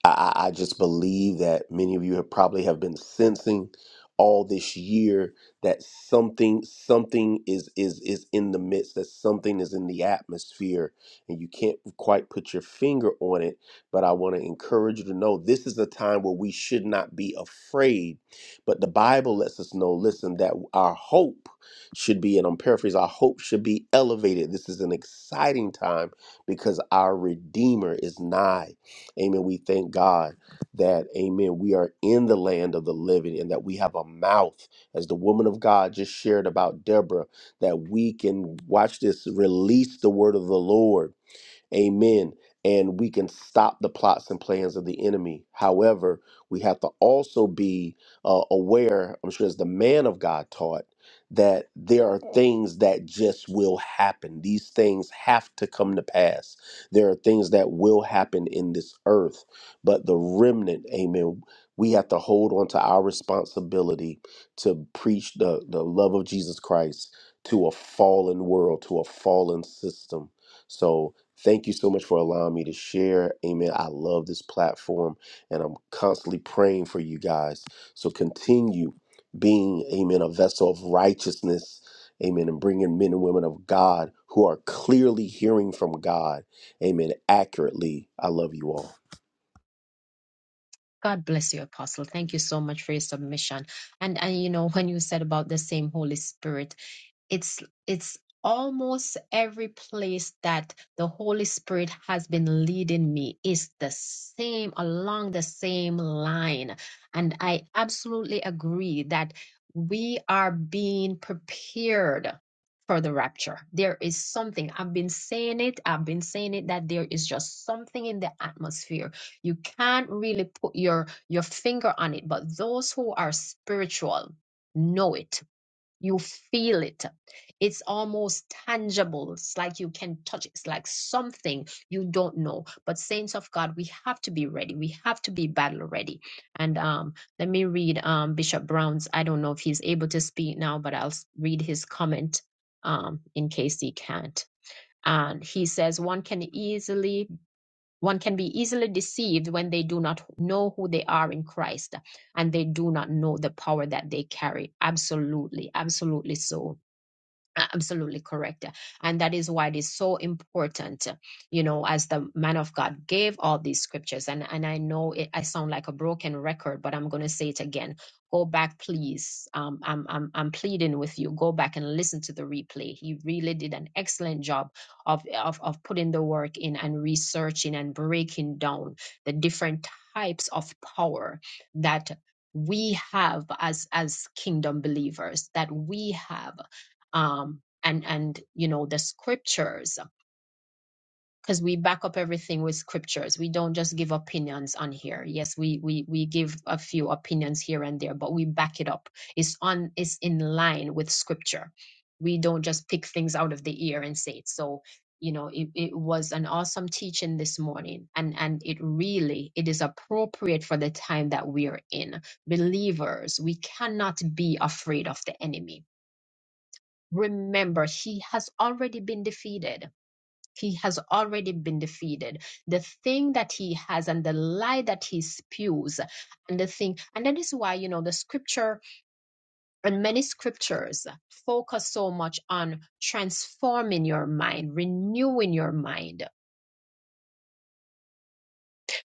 E: I, I I just believe that many of you have probably have been sensing all this year that something something is is is in the midst that something is in the atmosphere and you can't quite put your finger on it but i want to encourage you to know this is a time where we should not be afraid but the bible lets us know listen that our hope should be and i'm paraphrasing our hope should be elevated this is an exciting time because our redeemer is nigh Amen. We thank God that, amen, we are in the land of the living and that we have a mouth, as the woman of God just shared about Deborah, that we can, watch this, release the word of the Lord Amen. And we can stop the plots and plans of the enemy. However, we have to also be uh, aware, I'm sure as the man of God taught, that there are things that just will happen. These things have to come to pass. There are things that will happen in this earth. But the remnant, amen, we have to hold on to our responsibility to preach the, the love of Jesus Christ to a fallen world, to a fallen system. So thank you so much for allowing me to share. Amen. I love this platform and I'm constantly praying for you guys. So continue being, amen, a vessel of righteousness. Amen. And bringing men and women of God who are clearly hearing from God. Amen. Accurately. I love you all.
B: God bless you, Apostle. Thank you so much for your submission. And and you know, when you said about the same Holy Spirit, it's it's almost every place that the holy spirit has been leading me is the same along the same line and i absolutely agree that we are being prepared for the rapture there is something i've been saying it i've been saying it that there is just something in the atmosphere you can't really put your your finger on it but those who are spiritual know it you feel it. It's almost tangible. It's like you can touch it. It's like something you don't know. But saints of God, we have to be ready. We have to be battle ready. And um, let me read um, Bishop Brown's. I don't know if he's able to speak now, but I'll s- read his comment um, in case he can't. And he says, one can easily one can be easily deceived when they do not know who they are in Christ and they do not know the power that they carry. Absolutely, absolutely so. A- absolutely correct and that is why it is so important you know as the man of god gave all these scriptures and and i know it, i sound like a broken record but i'm going to say it again go back please um I'm, I'm i'm pleading with you go back and listen to the replay he really did an excellent job of of, of putting the work in and researching and breaking down the different types of power that we have as as kingdom believers that we have um, and and you know the scriptures because we back up everything with scriptures. We don't just give opinions on here. Yes, we we we give a few opinions here and there, but we back it up. It's on it's in line with scripture. We don't just pick things out of the air and say it. So you know it, it was an awesome teaching this morning and and it really it is appropriate for the time that we're in believers we cannot be afraid of the enemy Remember, he has already been defeated. He has already been defeated. The thing that he has and the lie that he spews, and the thing, and that is why, you know, the scripture and many scriptures focus so much on transforming your mind, renewing your mind.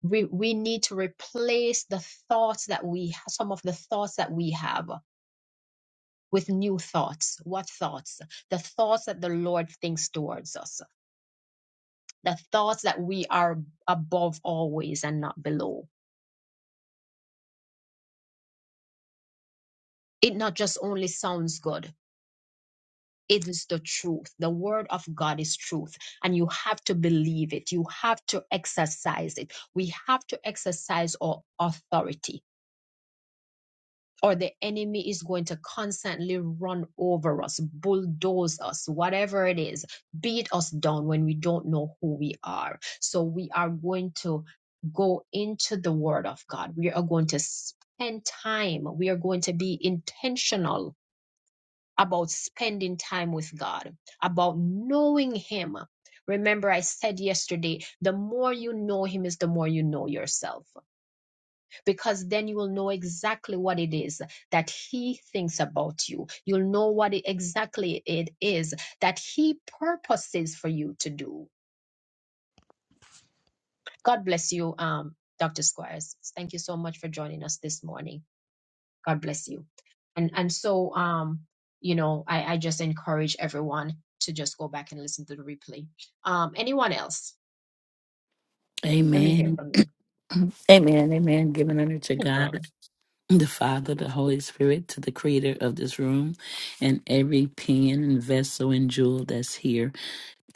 B: We, we need to replace the thoughts that we, some of the thoughts that we have with new thoughts. What thoughts? The thoughts that the Lord thinks towards us the thoughts that we are above always and not below. It not just only sounds good, it is the truth. The word of God is truth, and you have to believe it. You have to exercise it. We have to exercise our authority or the enemy is going to constantly run over us, bulldoze us, whatever it is, beat us down when we don't know who we are. So we are going to go into the Word of God. We are going to spend time. We are going to be intentional about spending time with God, about knowing Him. Remember, I said yesterday, the more you know Him is the more you know yourself because then you will know exactly what it is that he thinks about you. You'll know what it, exactly it is that he purposes for you to do. God bless you, um, Dr. Squires. Thank you so much for joining us this morning. God bless you. And and so um, you know, I, I just encourage everyone to just go back and listen to the replay. Um, anyone else? Let me hear
F: Amen.
B: from you.
F: <clears throat> Amen. Amen. Giving honor to
B: Amen.
F: God, the Father, the Holy Spirit, to the creator of this room, and every pen and vessel and jewel that's here.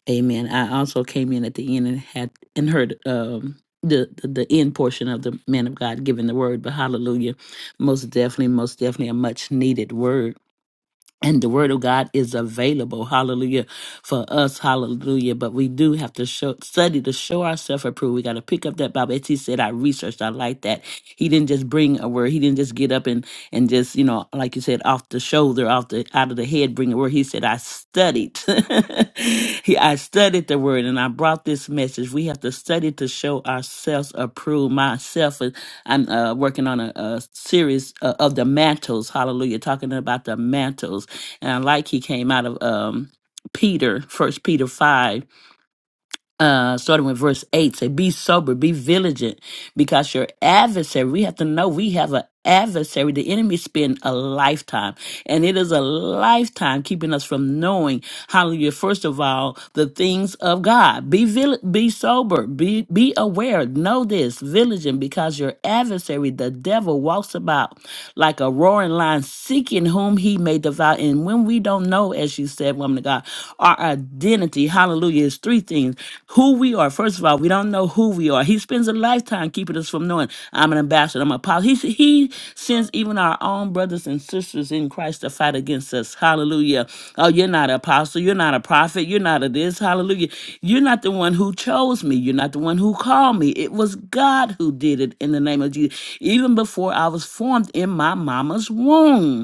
F: Amen. I also came in at the end and had and heard um the, the, the end portion of the man of God giving the word, but hallelujah. Most definitely, most definitely a much needed word. And the word of God is available, hallelujah, for us, hallelujah. But we do have to show, study to show ourselves approved. We got to pick up that Bible. As he said, I researched, I like that. He didn't just bring a word. He didn't just get up and, and just, you know, like you said, off the shoulder, off the, out of the head, bring a word. He said, I studied. <laughs> he, I studied the word and I brought this message. We have to study to show ourselves approved. Myself, uh, I'm uh, working on a, a series uh, of the mantles, hallelujah, talking about the mantles and I like he came out of um Peter, first Peter five, uh, starting with verse eight, say, Be sober, be vigilant, because your adversary, we have to know we have an adversary. The enemy spend a lifetime. And it is a lifetime keeping us from knowing, hallelujah, first of all, the things of God. Be vil- be sober, be, be aware, know this, vigilant, because your adversary, the devil, walks about like a roaring lion, seeking whom he may devour. And when we don't know, as you said, woman of God, our identity, hallelujah, is three things. Who we are, first of all, are. We don't know who we are. He spends a lifetime keeping us from knowing I'm an ambassador, I'm a apostle. He, he sends even our own brothers and sisters in Christ to fight against us. Hallelujah. Oh, you're not an apostle. You're not a prophet. You're not a this. Hallelujah. You're not the one who chose me. You're not the one who called me. It was God who did it in the name of Jesus, even before I was formed in my mama's womb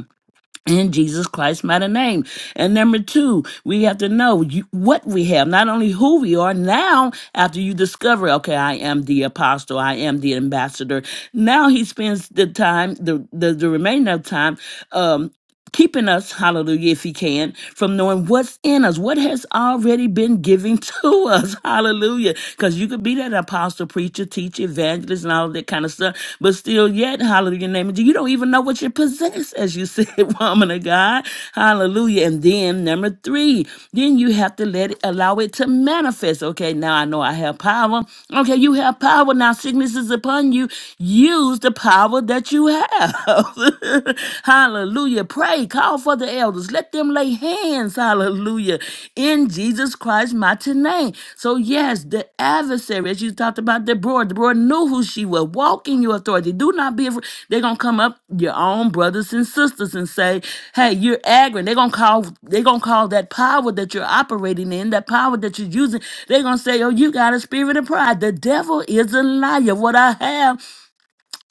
F: in Jesus Christ's mighty name. And number two, we have to know you, what we have, not only who we are now after you discover, okay, I am the apostle, I am the ambassador. Now he spends the time, the, the, the remainder of time, um, keeping us, hallelujah, if he can, from knowing what's in us, what has already been given <laughs> to us, hallelujah. Because you could be that apostle preacher, teacher, evangelist, and all of that kind of stuff. But still, yet, hallelujah, name of Jesus, you don't even know what you possess, as you said, <laughs> woman of God. Hallelujah. And then number three, then you have to let it allow it to manifest. Okay, now I know I have power. Okay, you have power. Now sickness is upon you. Use the power that you have. <laughs> hallelujah. Pray. Call for the elders. Let them lay their hands. Hallelujah. In Jesus Christ mighty name. So yes, the adversary, as you talked about Deborah, Deborah knew who she was. Walk in your authority. Do not be afraid. They're gonna come up your own brothers and sisters and say, Hey, you're aggravating. They're gonna call they're gonna call that power that you're operating in, that power that you're using, they're gonna say, Oh, you got a spirit of pride. The devil is a liar. What I have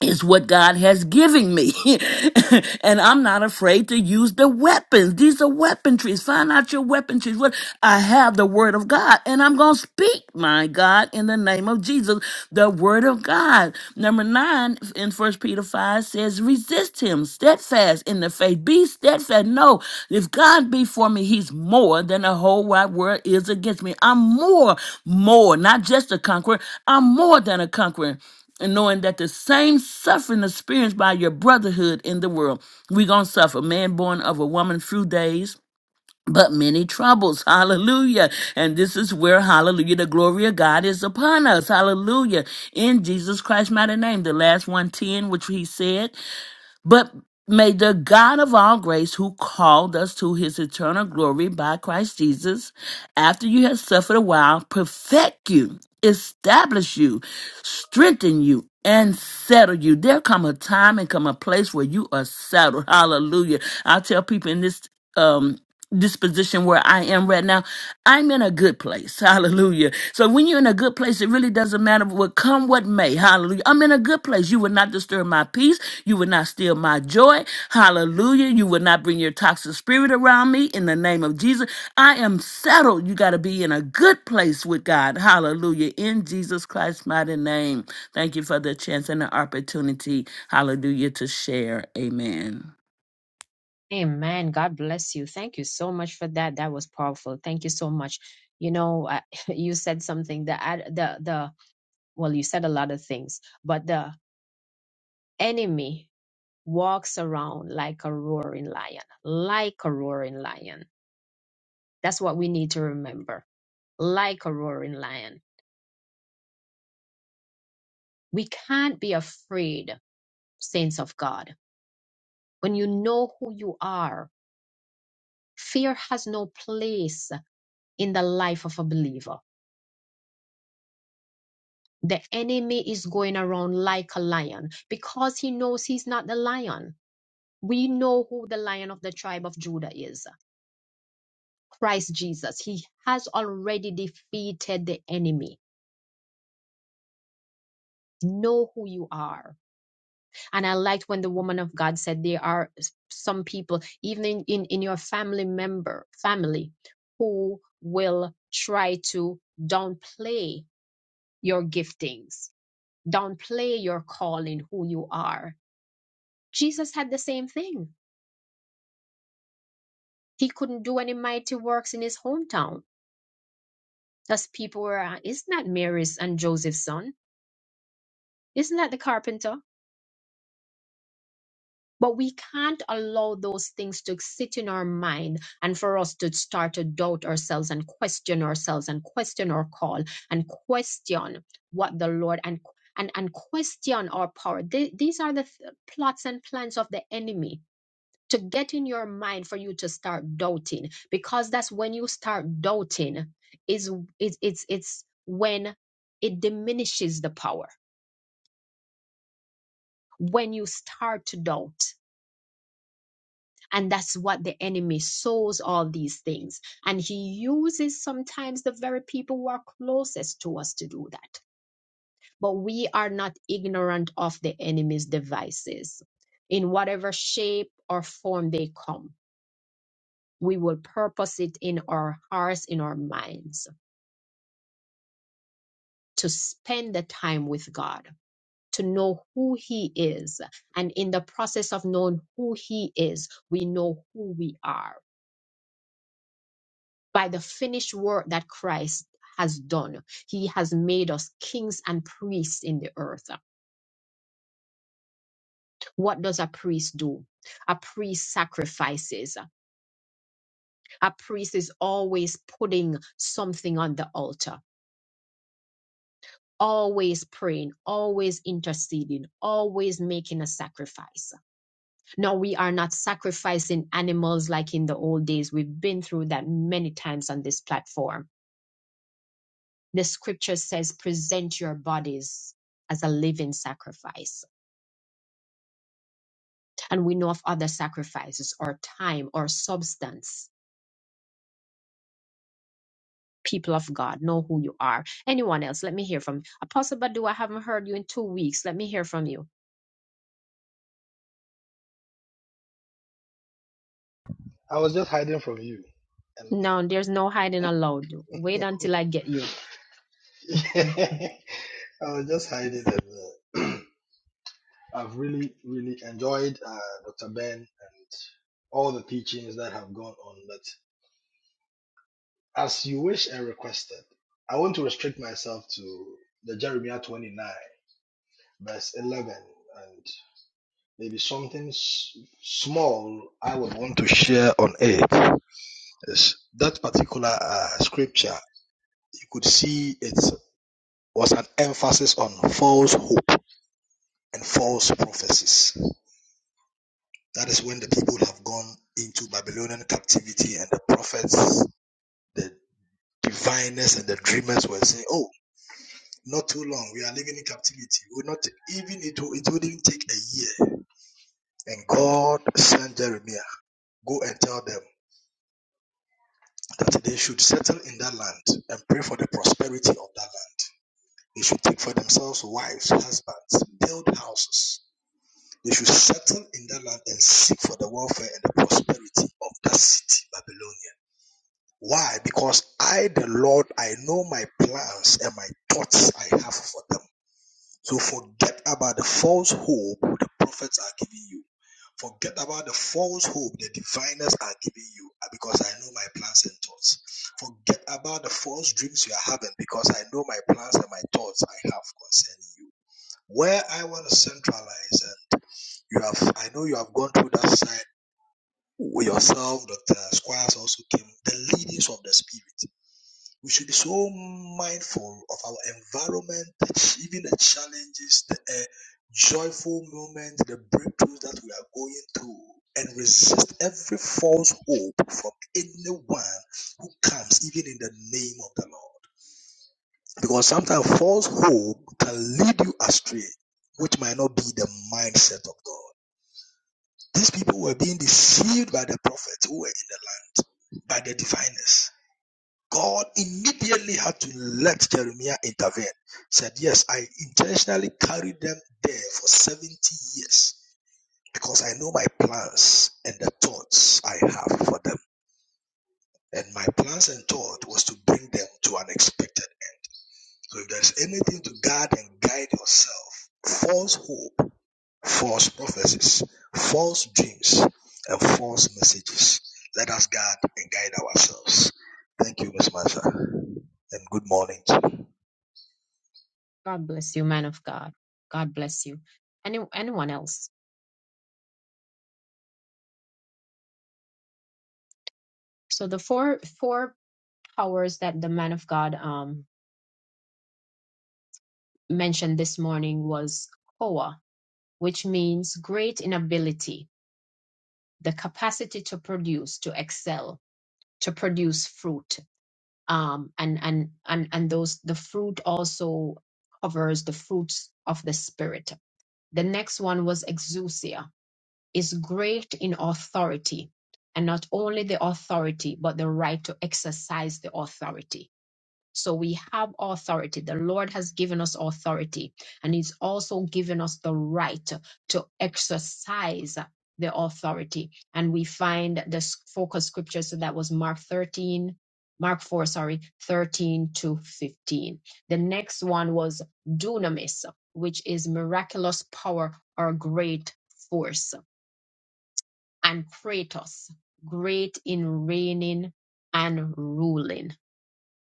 F: is what God has given me. <laughs> and I'm not afraid to use the weapons. These are weaponries. Find out your weaponries. What I have the word of God and I'm going to speak, my God, in the name of Jesus, the word of God. Number nine in first Peter five says, resist him steadfast in the faith. Be steadfast. No, if God be for me, he's more than the whole wide world is against me. I'm more, more, not just a conqueror. I'm more than a conqueror and knowing that the same suffering experienced by your brotherhood in the world, we're going to suffer. Man born of a woman, few days, but many troubles. Hallelujah. And this is where, hallelujah, the glory of God is upon us. Hallelujah. In Jesus Christ's mighty name, the last 110, which he said. But may the God of all grace, who called us to his eternal glory by Christ Jesus, after you have suffered a while, perfect you, establish you, strengthen you, and settle you. There come a time and come a place where you are settled. Hallelujah. I tell people in this um this position where I am right now, I'm in a good place. <laughs> Hallelujah. So when you're in a good place, it really doesn't matter what come what may. Hallelujah. I'm in a good place. You will not disturb my peace. You will not steal my joy. Hallelujah. You will not bring your toxic spirit around me in the name of Jesus. I am settled. You got to be in a good place with God. Hallelujah. In Jesus Christ's mighty name. Thank you for the chance and the opportunity. Hallelujah to share. Amen.
B: Amen. God bless you. Thank you so much for that. That was powerful. Thank you so much. You know, I, <laughs> you said something The I- the the well, you said a lot of things, but the enemy walks around like a roaring lion, like a roaring lion. That's what we need to remember. Like a roaring lion. We can't be afraid, saints of God. When you know who you are, fear has no place in the life of a believer The enemy is going around like a lion because he knows he's not the lion. We know who the lion of the tribe of Judah is Christ Jesus. He has already defeated the enemy. Know who you are. And I liked when the woman of God said there are some people, even in, in, in your family member, family, who will try to downplay your giftings, downplay your calling, who you are. Jesus had the same thing He couldn't do any mighty works in his hometown, as people were, uh, isn't that Mary's and Joseph's son? Isn't that the carpenter? But we can't allow those things to sit in our mind and for us to start to doubt ourselves and question ourselves and question our call and question what the Lord and and, and question our power. They, these are the th- plots and plans of the enemy to get in your mind for you to start doubting because that's when you start doubting is it's it's it's when it diminishes the power when you start to doubt and that's what the enemy sows all these things and he uses sometimes the very people who are closest to us to do that but we are not ignorant of the enemy's devices in whatever shape or form they come we will purpose it in our hearts, in our minds, to spend the time with God, to know who He is. And in the process of knowing who He is, we know who we are. By the finished work that Christ has done, He has made us kings and priests in the earth. What does a priest do? A priest sacrifices. A priest is always putting something on the altar always praying, always interceding, always making a sacrifice. Now, we are not sacrificing animals like in the old days. We've been through that many times on this platform. The scripture says, present your bodies as a living sacrifice. And we know of other sacrifices or time or substance. People of God, know who you are. Anyone else, let me hear from Apostle Badu. I haven't heard you in two weeks. Let me hear from you.
G: I was just hiding from you.
B: No, there's no hiding allowed. Wait until I get you.
G: And
B: <laughs>
G: <laughs> I was just hiding. And, uh, <clears throat> I've really, really enjoyed uh, Dr. Ben and all the teachings that have gone on. But as you wish and requested, I want to restrict myself to the Jeremiah 29, verse 11, and maybe something s- small I would want to share on it. Yes, that particular uh, scripture, you could see it was an emphasis on false hope and false prophecies. That is when the people have gone into Babylonian captivity and the prophets, the diviners and the dreamers were saying, Oh, not too long, we are living in captivity. We're not even it it wouldn't take a year. And God sent Jeremiah, go and tell them that they should settle in that land and pray for the prosperity of that land. They should take for themselves wives, husbands, build houses They should settle in that land and seek for the welfare and the prosperity of that city, Babylonia. Why? Because I, the Lord, I know my plans and my thoughts I have for them. So forget about the false hope the prophets are giving you. Forget about the false hope the diviners are giving you uh, because I know my plans and thoughts. Forget about the false dreams you are having because I know my plans and my thoughts I have concerning you. Where I want to centralize, uh, you have, I know you have gone through that side with yourself. Dr. Squires also came. The leadings of the Spirit. We should be so mindful of our environment, even the challenges, the uh, joyful moments, the breakthroughs that we are going through, and resist every false hope from anyone who comes, even in the name of the Lord. Because sometimes false hope can lead you astray, which might not be the mindset of God. These people were being deceived by the prophets who were in the land, by the diviners. God immediately had to let Jeremiah intervene. Said, Yes, I intentionally carried them there for 70 years because I know my plans and the thoughts I have for them. And my plans and thought was to bring them to unexpected. So if there's anything to guard and guide yourself, false hope false prophecies, false dreams, and false messages. Let us guard and guide ourselves. Thank you, Miss Martha, and good morning.
B: God bless you, man of God. God bless you. Any anyone else? So the four four powers that the man of God um mentioned this morning was koa, which means great in ability, the capacity to produce, to excel, to produce fruit. Um and and and and those the fruit also covers the fruits of the spirit. The next one was exousia, is great in authority, and not only the authority, but the right to exercise the authority. So we have authority. The Lord has given us authority, and He's also given us the right to exercise the authority. And we find the s- focus scripture, so that was Mark 13, Mark 4, sorry, 13 to 15. The next one was dunamis, which is miraculous power or great force and Kratos, great in reigning and ruling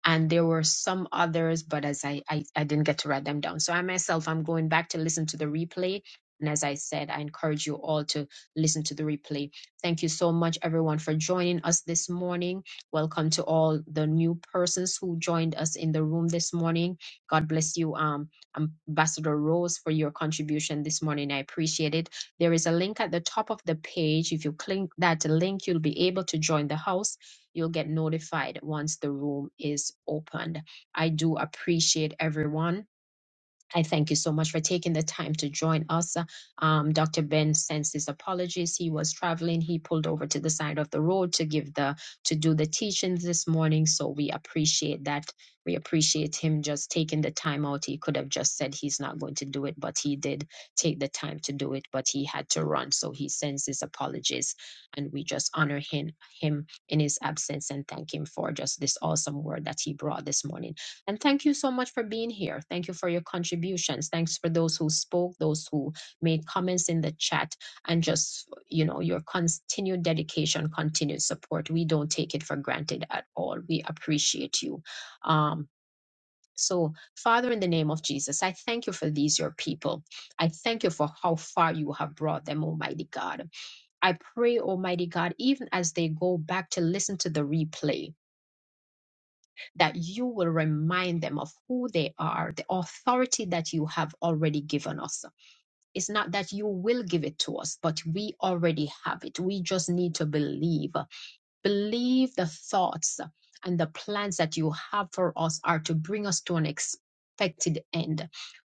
B: and there were some others, but as I, I I didn't get to write them down. So I myself I'm going back to listen to the replay. And as I said, I encourage you all to listen to the replay. Thank you so much, everyone, for joining us this morning. Welcome to all the new persons who joined us in the room this morning. God bless you, um, Ambassador Rose, for your contribution this morning. I appreciate it. There is a link at the top of the page. If you click that link, you'll be able to join the house You'll get notified once the room is opened. I do appreciate everyone. I thank you so much for taking the time to join us. Um, Dr. Ben sends his apologies. He was traveling. He pulled over to the side of the road to give the to do the teachings this morning. So we appreciate that. We appreciate him just taking the time out. He could have just said he's not going to do it, but he did take the time to do it. But he had to run, so he sends his apologies, and we just honor him him in his absence and thank him for just this awesome word that he brought this morning. And thank you so much for being here. Thank you for your contributions. Thanks for those who spoke, those who made comments in the chat, and just, you know, your continued dedication, continued support. We don't take it for granted at all. We appreciate you. Um, so, Father, in the name of Jesus, I thank you for these, your people. I thank you for how far you have brought them, Almighty God. I pray, Almighty God, even as they go back to listen to the replay, that you will remind them of who they are, the authority that you have already given us. It's not that you will give it to us, but we already have it. We just need to believe. Believe the thoughts and the plans that you have for us are to bring us to an expected end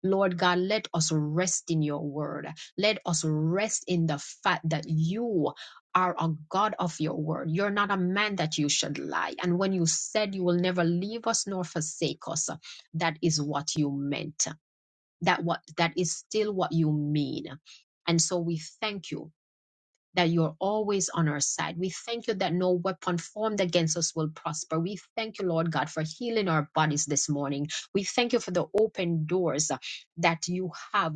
B: Lord God, let us rest in your word. Let us rest in the fact that you are a God of your word. You're not a man that you should lie. And when you said you will never leave us nor forsake us, that is what you meant. That what that is still what you mean. And so we thank you that you're always on our side. We thank you that no weapon formed against us will prosper. We thank you, Lord God, for healing our bodies this morning. We thank you for the open doors uh, that you have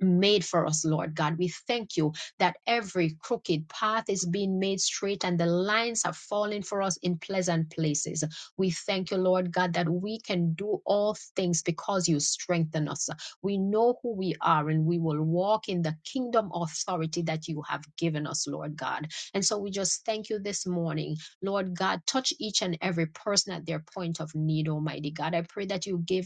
B: made for us, Lord God. We thank you that every crooked path is being made straight and the lines are falling for us in pleasant places. We thank you, Lord God, that we can do all things because you strengthen us. We know who we are and we will walk in the kingdom authority that you have given us, Lord God. And so we just thank you this morning, Lord God. Touch each and every person at their point of need, Almighty God. I pray that you give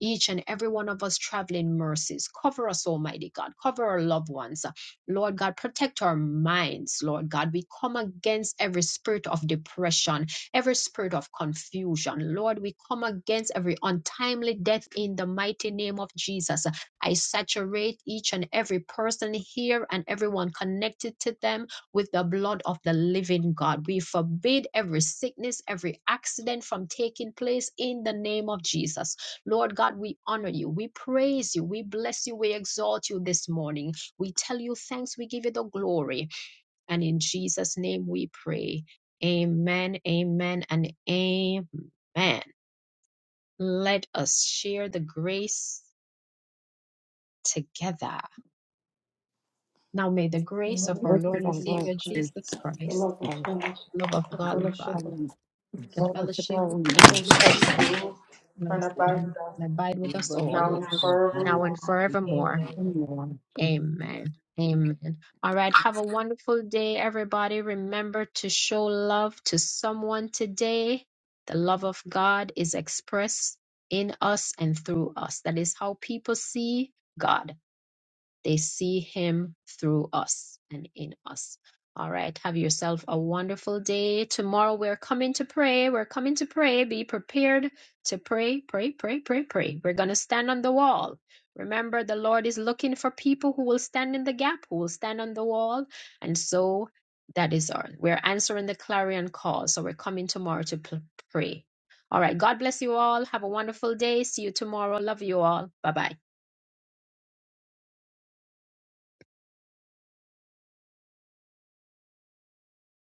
B: each and every one of us traveling mercies. Cover us, Almighty God. Cover our loved ones. Lord God, protect our minds, Lord God. We come against every spirit of depression, every spirit of confusion. Lord, we come against every untimely death in the mighty name of Jesus. I saturate each and every person here and everyone connected to them with the blood of the living God. We forbid every sickness, every accident from taking place in the name of Jesus. Lord God, we honor you. We praise you. We bless you. We exalt you this morning. We tell you thanks. We give you the glory. And in Jesus' name we pray. Amen, amen, and amen. Let us share the grace together. Now may the grace
H: Lord,
B: of our
I: Worship
H: in the
B: Lord
H: name
B: and
H: of Jesus
B: Savior
H: Christ,
B: Jesus
H: the
B: Christ,
H: love of God,
B: the love of
H: the
B: God the Father,
H: fellowship of
B: the fellowship
I: God,
B: of the
I: man.
J: Holy
B: Holy
H: the
J: Spirit,
B: Spirit,
H: Spirit, and
B: rest
J: sit
H: abide
B: in
H: with us
B: and abide
J: and
B: with us
J: abide
B: all,
J: with
H: now and
I: Worship
J: us.
B: now and
H: forevermore.
B: forevermore.
H: Amen.
I: God.
J: Amen.
B: Amen. Amen. All right. Have a wonderful day, everybody. Remember to show love to someone today. The love of God is expressed in us and through us. That is how people see God. They see him through us and in us. All right. Have yourself a wonderful day. Tomorrow we're coming to pray. We're coming to pray. Be prepared to pray, pray, pray, pray, pray. We're going to stand on the wall. Remember, the Lord is looking for people who will stand in the gap, who will stand on the wall. And so that is our, we're answering the clarion call. So we're coming tomorrow to p- pray. All right. God bless you all. Have a wonderful day. See you tomorrow. Love you all. Bye bye.